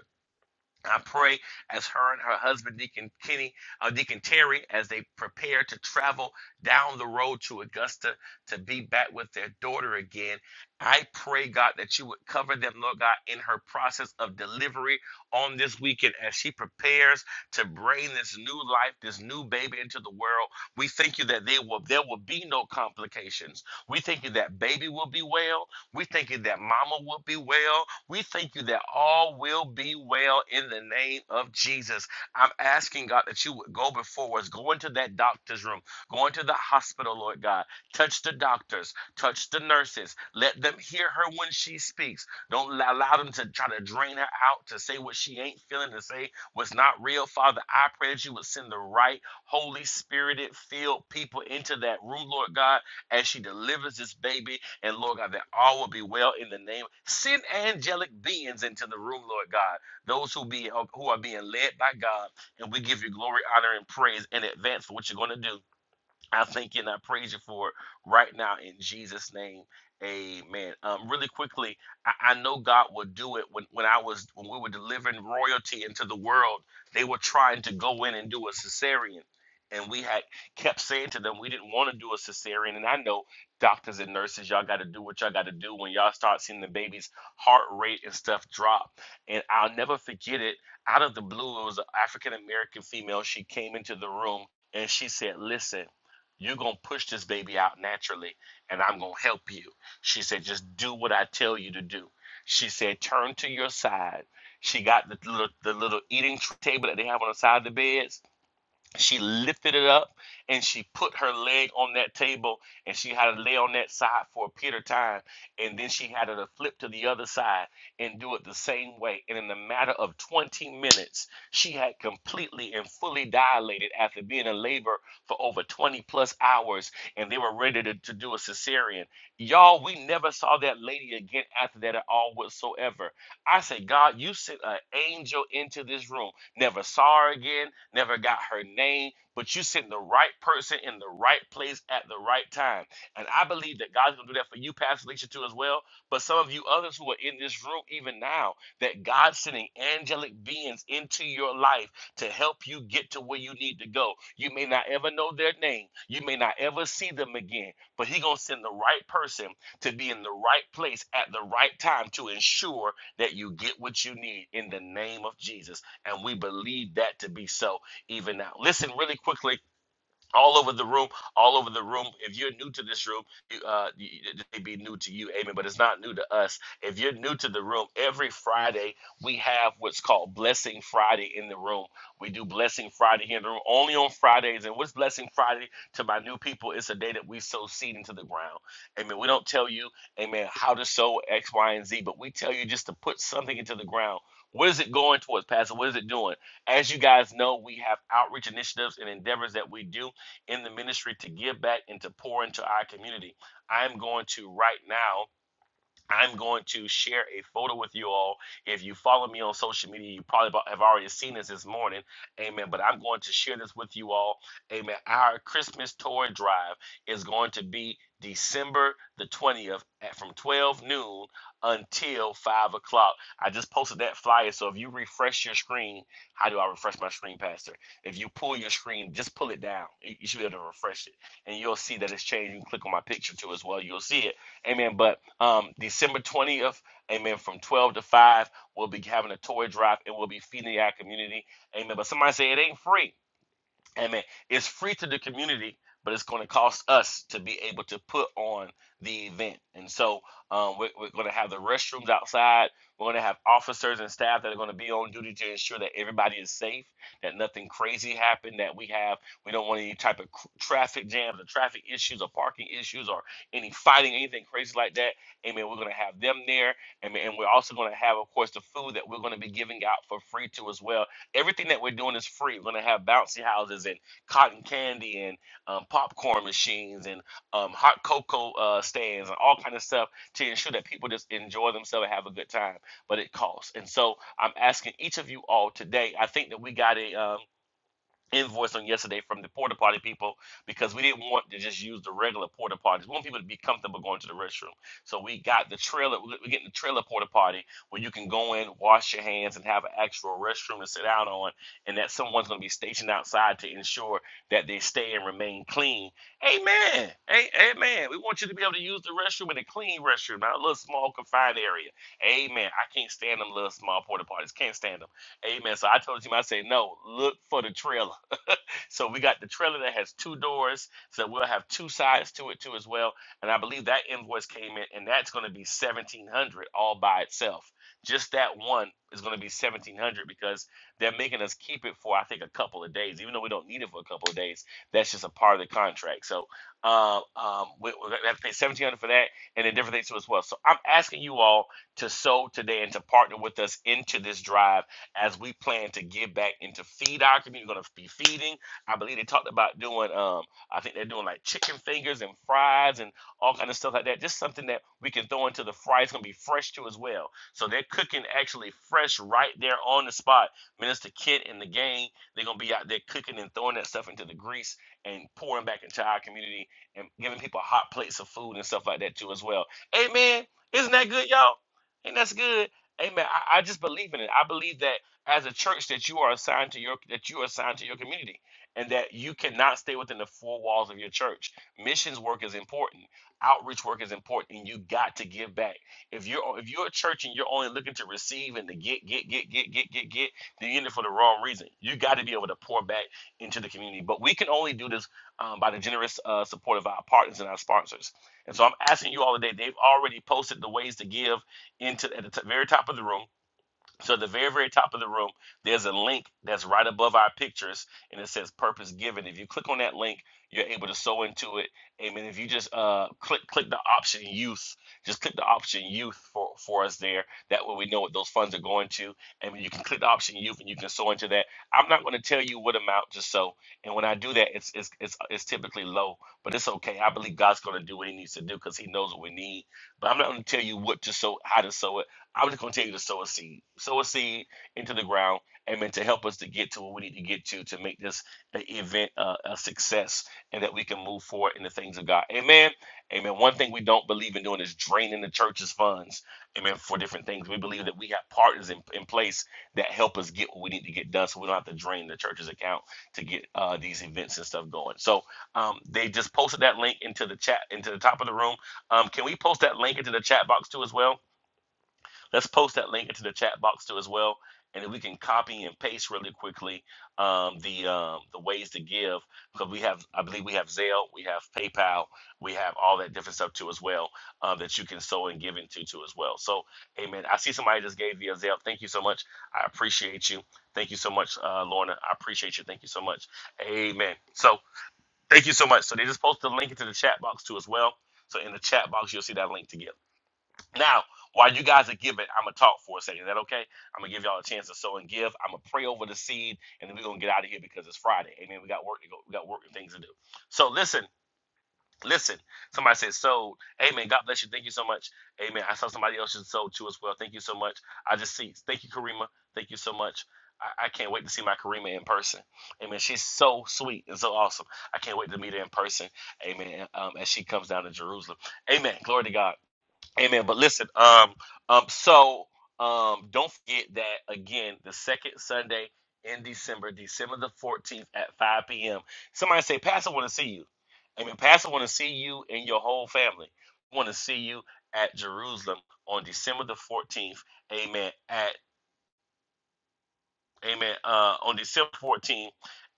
Speaker 5: I pray as her and her husband, Deacon Kenny, uh, Deacon Terry, as they prepare to travel down the road to Augusta to be back with their daughter again. I pray, God, that you would cover them, Lord God, in her process of delivery on this weekend as she prepares to bring this new life, this new baby into the world. We thank you that they will, there will be no complications. We thank you that baby will be well. We thank you that mama will be well. We thank you that all will be well in the name of Jesus. I'm asking, God, that you would go before us, go into that doctor's room, go into the hospital, Lord God. Touch the doctors, touch the nurses. Let them hear her when she speaks. Don't allow them to try to drain her out, to say what she ain't feeling, to say what's not real. Father, I pray that you would send the right, Holy Spirited, filled people into that room, Lord God, as she delivers this baby and Lord God, that all will be well in the name. Send angelic beings into the room, Lord God. Those who be who are being led by God, and we give you glory, honor, and praise in advance for what you're going to do. I thank you and I praise you for it right now in Jesus' name. Amen. Um, really quickly, I, I know God will do it. When when I was when we were delivering royalty into the world, they were trying to go in and do a cesarean. And we had kept saying to them, we didn't want to do a cesarean. And I know doctors and nurses, y'all got to do what y'all got to do when y'all start seeing the baby's heart rate and stuff drop. And I'll never forget it. Out of the blue, it was an African American female. She came into the room and she said, Listen. You're going to push this baby out naturally, and I'm going to help you. She said, Just do what I tell you to do. She said, Turn to your side. She got the little, the little eating table that they have on the side of the beds she lifted it up and she put her leg on that table and she had to lay on that side for a period of time and then she had to flip to the other side and do it the same way and in a matter of 20 minutes she had completely and fully dilated after being in labor for over 20 plus hours and they were ready to, to do a cesarean y'all we never saw that lady again after that at all whatsoever I said, God, you sent an angel into this room. Never saw her again, never got her name, but you sent the right person in the right place at the right time. And I believe that God's going to do that for you, Pastor Alicia, too, as well. But some of you others who are in this room even now, that God's sending angelic beings into your life to help you get to where you need to go. You may not ever know their name, you may not ever see them again, but He's going to send the right person to be in the right place at the right time to ensure that you get what you need in the name of Jesus. And we believe that to be so even now. Listen really quickly all over the room, all over the room. If you're new to this room, you, uh, you, it may be new to you, amen, but it's not new to us. If you're new to the room, every Friday we have what's called Blessing Friday in the room. We do Blessing Friday here in the room only on Fridays. And what's Blessing Friday to my new people? It's a day that we sow seed into the ground. Amen. We don't tell you, amen, how to sow X, Y, and Z, but we tell you just to put something into the ground. What is it going towards, Pastor? What is it doing? As you guys know, we have outreach initiatives and endeavors that we do in the ministry to give back and to pour into our community. I'm going to right now I'm going to share a photo with you all. If you follow me on social media, you probably have already seen this this morning. Amen. But I'm going to share this with you all. Amen. Our Christmas toy drive is going to be December the 20th at from 12 noon until 5 o'clock. I just posted that flyer. So if you refresh your screen, how do I refresh my screen, Pastor? If you pull your screen, just pull it down. You you should be able to refresh it. And you'll see that it's changed. You can click on my picture too as well. You'll see it Amen. But um, December 20th, amen, from 12 to 5, we'll be having a toy drive and we'll be feeding our community. Amen. But somebody say it ain't free. Amen. It's free to the community, but it's going to cost us to be able to put on the event. And so um, we're, we're going to have the restrooms outside. We're going to have officers and staff that are going to be on duty to ensure that everybody is safe, that nothing crazy happened, that we have, we don't want any type of cr- traffic jams or traffic issues or parking issues or any fighting, anything crazy like that. Amen. We're going to have them there. Amen. And we're also going to have, of course, the food that we're going to be giving out for free to as well Everything that we're doing is free. We're gonna have bouncy houses and cotton candy and um, popcorn machines and um, hot cocoa uh, stands and all kind of stuff to ensure that people just enjoy themselves and have a good time. But it costs, and so I'm asking each of you all today. I think that we got a. Um, invoice on yesterday from the porta potty people because we didn't want to just use the regular porta potties. We want people to be comfortable going to the restroom. So we got the trailer, we're getting the trailer porta potty where you can go in, wash your hands, and have an actual restroom to sit down on, and that someone's going to be stationed outside to ensure that they stay and remain clean. Amen. Hey, amen. We want you to be able to use the restroom in a clean restroom, not a little small confined area. Amen. I can't stand them little small porta potties. Can't stand them. Amen. So I told the team, I say, no, look for the trailer. So we got the trailer that has two doors, so we'll have two sides to it too as well. And I believe that invoice came in, and that's going to be seventeen hundred all by itself. Just that one is going to be seventeen hundred because they're making us keep it for I think a couple of days, even though we don't need it for a couple of days. That's just a part of the contract. So uh, um, we, we're going to have to pay seventeen hundred for that, and then different things too as well. So I'm asking you all to sow today and to partner with us into this drive as we plan to give back and to feed our community. We're going to be feeding. I believe they talked about doing. Um, I think they're doing like chicken fingers and fries and all kind of stuff like that. Just something that we can throw into the fry. It's gonna be fresh too as well. So they're cooking actually fresh right there on the spot. Minister Kent and the gang, they're gonna be out there cooking and throwing that stuff into the grease and pouring back into our community and giving people hot plates of food and stuff like that too as well. Amen. Isn't that good, y'all? Ain't that's good. Amen. I, I just believe in it. I believe that as a church that you are assigned to your that you are assigned to your community and that you cannot stay within the four walls of your church. Missions work is important. Outreach work is important, and you got to give back. If you're if you're a church and you're only looking to receive and to get get get get get get get, then you're in it for the wrong reason. You got to be able to pour back into the community. But we can only do this um, by the generous uh, support of our partners and our sponsors. And so I'm asking you all today. They've already posted the ways to give into at the t- very top of the room. So at the very, very top of the room, there's a link that's right above our pictures, and it says "Purpose Given." If you click on that link, you're able to sew into it. Amen. If you just uh, click click the option "Youth," just click the option "Youth" for for us there. That way, we know what those funds are going to. And you can click the option "Youth" and you can sew into that. I'm not going to tell you what amount just so. And when I do that, it's it's it's, it's typically low, but it's okay. I believe God's going to do what He needs to do because He knows what we need. But I'm not going to tell you what to sow, how to sow it. I'm just going to tell you to sow a seed. Sow a seed into the ground, amen, to help us to get to what we need to get to to make this uh, event uh, a success and that we can move forward in the things of God. Amen. Amen. One thing we don't believe in doing is draining the church's funds, amen, for different things. We believe that we have partners in, in place that help us get what we need to get done so we don't have to drain the church's account to get uh, these events and stuff going. So um, they just posted that link into the chat, into the top of the room. Um, can we post that link into the chat box too as well? Let's post that link into the chat box too as well, and then we can copy and paste really quickly um, the um, the ways to give because we have I believe we have Zelle, we have PayPal, we have all that different stuff too as well uh, that you can sow and give into too as well. So, Amen. I see somebody just gave via Zelle. Thank you so much. I appreciate you. Thank you so much, uh, Lorna. I appreciate you. Thank you so much. Amen. So, thank you so much. So, they just posted the link into the chat box too as well. So, in the chat box, you'll see that link to give. Now, while you guys are giving, I'm gonna talk for a second. Is that okay? I'm gonna give y'all a chance to sow and give. I'm gonna pray over the seed, and then we're gonna get out of here because it's Friday. Amen. We got work to go. We got work and things to do. So listen, listen. Somebody said sold. Amen. God bless you. Thank you so much. Amen. I saw somebody else just sold too as well. Thank you so much. I just see. Thank you, Karima. Thank you so much. I, I can't wait to see my Karima in person. Amen. She's so sweet and so awesome. I can't wait to meet her in person. Amen. Um, as she comes down to Jerusalem. Amen. Glory to God. Amen. But listen, um, um, so um, don't forget that again, the second Sunday in December, December the 14th at 5 p.m. Somebody say, Pastor, want to see you. Amen. Pastor, want to see you and your whole family. Want to see you at Jerusalem on December the 14th. Amen. At Amen. Uh, on December 14th,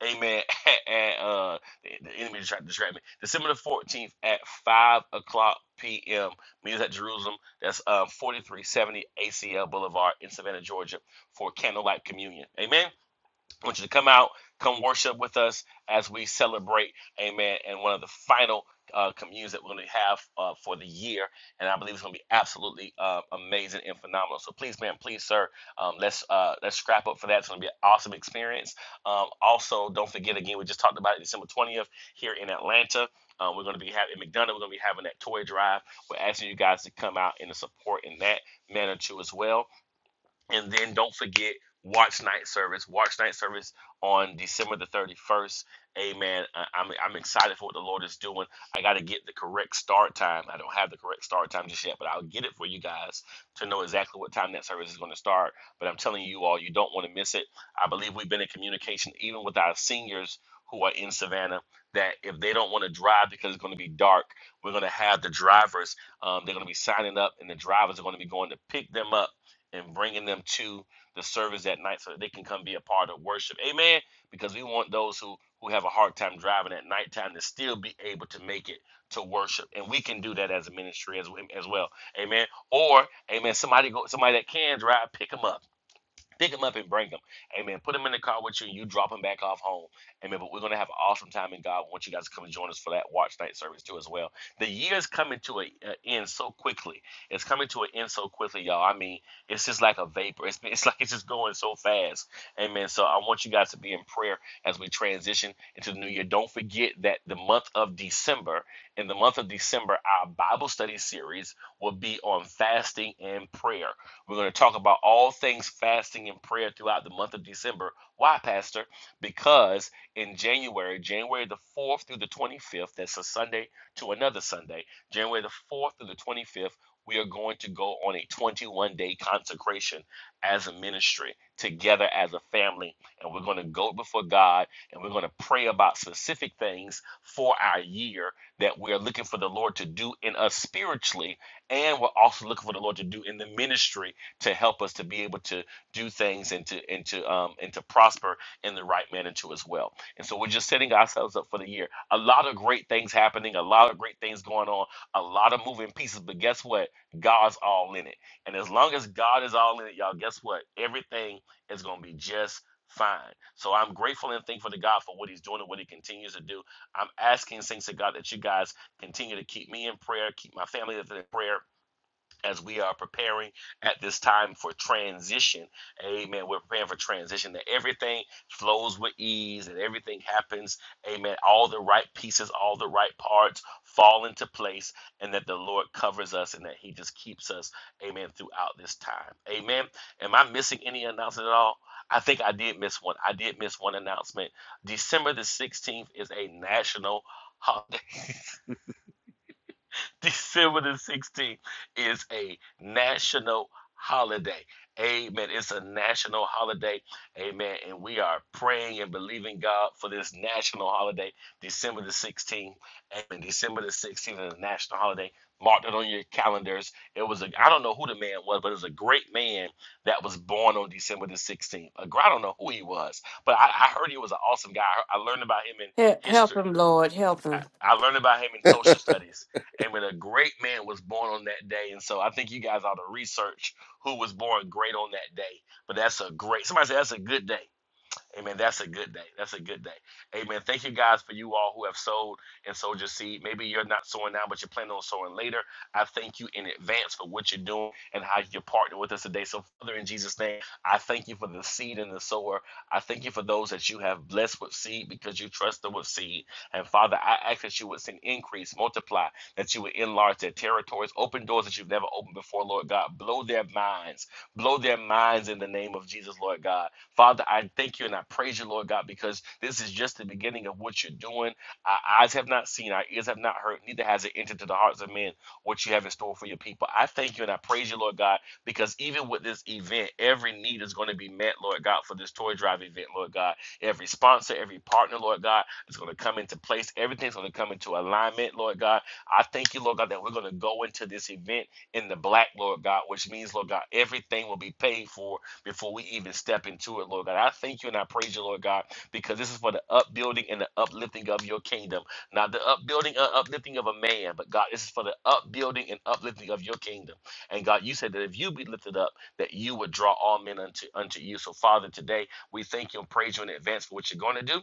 Speaker 5: amen. At, uh, the the enemy is trying to distract me. December the 14th at 5 o'clock p.m. Meetings at Jerusalem. That's uh, 4370 ACL Boulevard in Savannah, Georgia for Candlelight Communion. Amen. I want you to come out, come worship with us as we celebrate, amen, and one of the final uh, communes that we're going to have uh, for the year. And I believe it's going to be absolutely uh, amazing and phenomenal. So please, man, please, sir, um, let's uh, let's scrap up for that. It's going to be an awesome experience. Um, also, don't forget, again, we just talked about it December 20th here in Atlanta. Uh, we're going to be having in McDonough. We're going to be having that toy drive. We're asking you guys to come out and to support in that manner too as well. And then don't forget, watch night service. Watch night service on December the 31st. Amen. I- I'm, I'm excited for what the Lord is doing. I got to get the correct start time. I don't have the correct start time just yet, but I'll get it for you guys to know exactly what time that service is going to start. But I'm telling you all, you don't want to miss it. I believe we've been in communication even with our seniors who are in Savannah that if they don't want to drive because it's going to be dark, we're going to have the drivers. Um, they're going to be signing up, and the drivers are going to be going to pick them up and bringing them to the service at night so that they can come be a part of worship. Amen. Because we want those who who have a hard time driving at nighttime to still be able to make it to worship, and we can do that as a ministry as as well. Amen. Or amen. Somebody go somebody that can drive, pick them up pick them up and bring them. Amen. Put them in the car with you and you drop them back off home. Amen. But we're going to have an awesome time in God. I want you guys to come and join us for that watch night service too as well. The year's coming to an end so quickly. It's coming to an end so quickly, y'all. I mean, it's just like a vapor. It's, it's like it's just going so fast. Amen. So I want you guys to be in prayer as we transition into the new year. Don't forget that the month of December, in the month of December, our Bible study series will be on fasting and prayer. We're going to talk about all things fasting and prayer throughout the month of December. Why, Pastor? Because in January, January the 4th through the 25th, that's a Sunday to another Sunday, January the 4th through the 25th, we are going to go on a 21 day consecration as a ministry together as a family. And we're going to go before God and we're going to pray about specific things for our year that we're looking for the Lord to do in us spiritually. And we're also looking for the Lord to do in the ministry to help us to be able to do things and to and to um and to prosper in the right manner too as well. And so we're just setting ourselves up for the year. A lot of great things happening, a lot of great things going on, a lot of moving pieces. But guess what? God's all in it. And as long as God is all in it, y'all, guess what? Everything is gonna be just fine. So I'm grateful and thankful to God for what He's doing and what He continues to do. I'm asking things to God that you guys continue to keep me in prayer, keep my family in prayer as we are preparing at this time for transition. Amen. We're preparing for transition that everything flows with ease and everything happens. Amen. All the right pieces, all the right parts fall into place and that the Lord covers us and that He just keeps us. Amen. Throughout this time. Amen. Am I missing any announcement at all? I think I did miss one. I did miss one announcement. December the 16th is a national holiday. December the 16th is a national holiday. Amen. It's a national holiday. Amen. And we are praying and believing God for this national holiday, December the 16th. Amen. December the 16th is a national holiday. Mark it on your calendars. It was a I don't know who the man was, but it was a great man that was born on December the 16th. I don't know who he was, but I, I heard he was an awesome guy. I learned about him in
Speaker 2: He- Help
Speaker 5: history.
Speaker 2: him, Lord. Help
Speaker 5: I,
Speaker 2: him.
Speaker 5: I learned about him in social studies, and when a great man was born on that day, and so I think you guys ought to research who was born great on that day. But that's a great. Somebody said that's a good day. Amen. That's a good day. That's a good day. Amen. Thank you guys for you all who have sowed and sowed your seed. Maybe you're not sowing now, but you're planning on sowing later. I thank you in advance for what you're doing and how you're partnering with us today. So, Father, in Jesus' name, I thank you for the seed and the sower. I thank you for those that you have blessed with seed because you trust them with seed. And Father, I ask that you would send increase, multiply, that you would enlarge their territories, open doors that you've never opened before, Lord God. Blow their minds. Blow their minds in the name of Jesus, Lord God. Father, I thank you and I praise you, Lord God, because this is just the beginning of what you're doing. Our eyes have not seen, our ears have not heard, neither has it entered to the hearts of men what you have in store for your people. I thank you and I praise you, Lord God, because even with this event, every need is going to be met, Lord God, for this toy drive event, Lord God. Every sponsor, every partner, Lord God, is going to come into place. Everything's going to come into alignment, Lord God. I thank you, Lord God, that we're going to go into this event in the black, Lord God, which means, Lord God, everything will be paid for before we even step into it, Lord God. I thank you and I praise you, Lord God, because this is for the upbuilding and the uplifting of your kingdom. Not the upbuilding and uplifting of a man, but God, this is for the upbuilding and uplifting of your kingdom. And God, you said that if you be lifted up, that you would draw all men unto unto you. So, Father, today we thank you and praise you in advance for what you're going to do.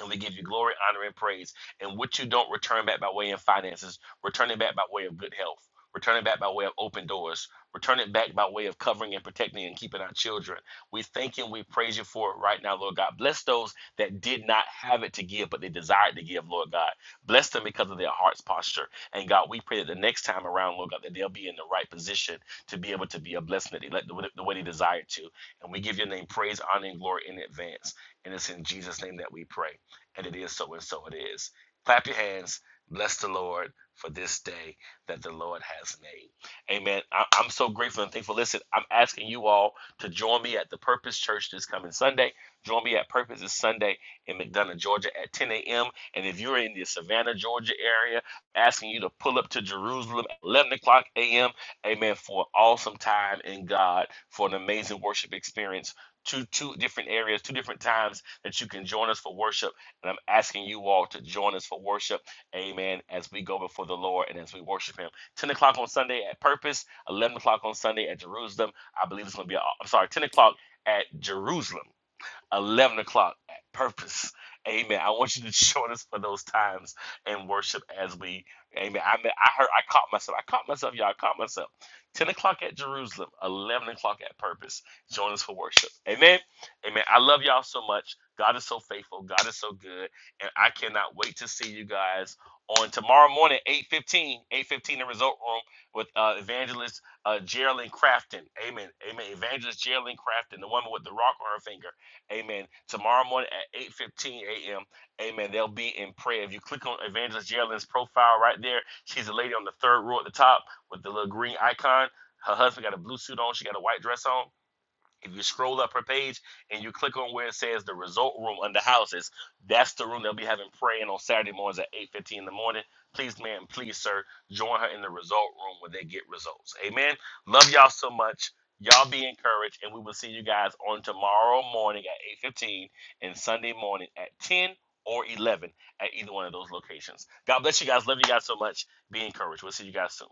Speaker 5: And we give you glory, honor, and praise. And what you don't return back by way of finances, return it back by way of good health. Return it back by way of open doors. Return it back by way of covering and protecting and keeping our children. We thank you and we praise you for it right now, Lord God. Bless those that did not have it to give, but they desired to give, Lord God. Bless them because of their heart's posture. And God, we pray that the next time around, Lord God, that they'll be in the right position to be able to be a blessing that they, let- the way they desire to. And we give your name praise, honor, and glory in advance. And it's in Jesus' name that we pray and it is so and so it is. Clap your hands. Bless the Lord for this day that the Lord has made. Amen. I- I'm so grateful and thankful. Listen, I'm asking you all to join me at the Purpose Church this coming Sunday. Join me at Purpose this Sunday in McDonough, Georgia at 10 a.m. And if you're in the Savannah, Georgia area, asking you to pull up to Jerusalem at 11 o'clock a.m. Amen. For an awesome time in God, for an amazing worship experience. Two, two different areas, two different times that you can join us for worship and I'm asking you all to join us for worship. Amen. As we go before the Lord and as we worship Him. 10 o'clock on Sunday at Purpose, 11 o'clock on Sunday at Jerusalem. I believe it's going to be, uh, I'm sorry, 10 o'clock at Jerusalem. 11 o'clock at purpose. Amen. I want you to join us for those times and worship as we, amen. I mean, I heard, I caught myself. I caught myself, y'all. I caught myself. 10 o'clock at Jerusalem, 11 o'clock at purpose. Join us for worship. Amen. Amen. I love y'all so much. God is so faithful. God is so good. And I cannot wait to see you guys on tomorrow morning, eight fifteen, eight fifteen, the Result Room with uh, evangelist uh, Geraldine Crafton. Amen. Amen. Evangelist Geraldine Crafton, the woman with the rock on her finger. Amen. Tomorrow morning at 8:15 a.m. Amen. They'll be in prayer. If you click on Evangelist Jalen's profile right there, she's a lady on the third row at the top with the little green icon. Her husband got a blue suit on. She got a white dress on. If you scroll up her page and you click on where it says the result room under houses, that's the room they'll be having praying on Saturday mornings at 8.15 in the morning. Please, ma'am, please, sir, join her in the result room where they get results. Amen. Love y'all so much. Y'all be encouraged, and we will see you guys on tomorrow morning at 8.15 and Sunday morning at 10 or 11 at either one of those locations. God bless you guys. Love you guys so much. Be encouraged. We'll see you guys soon.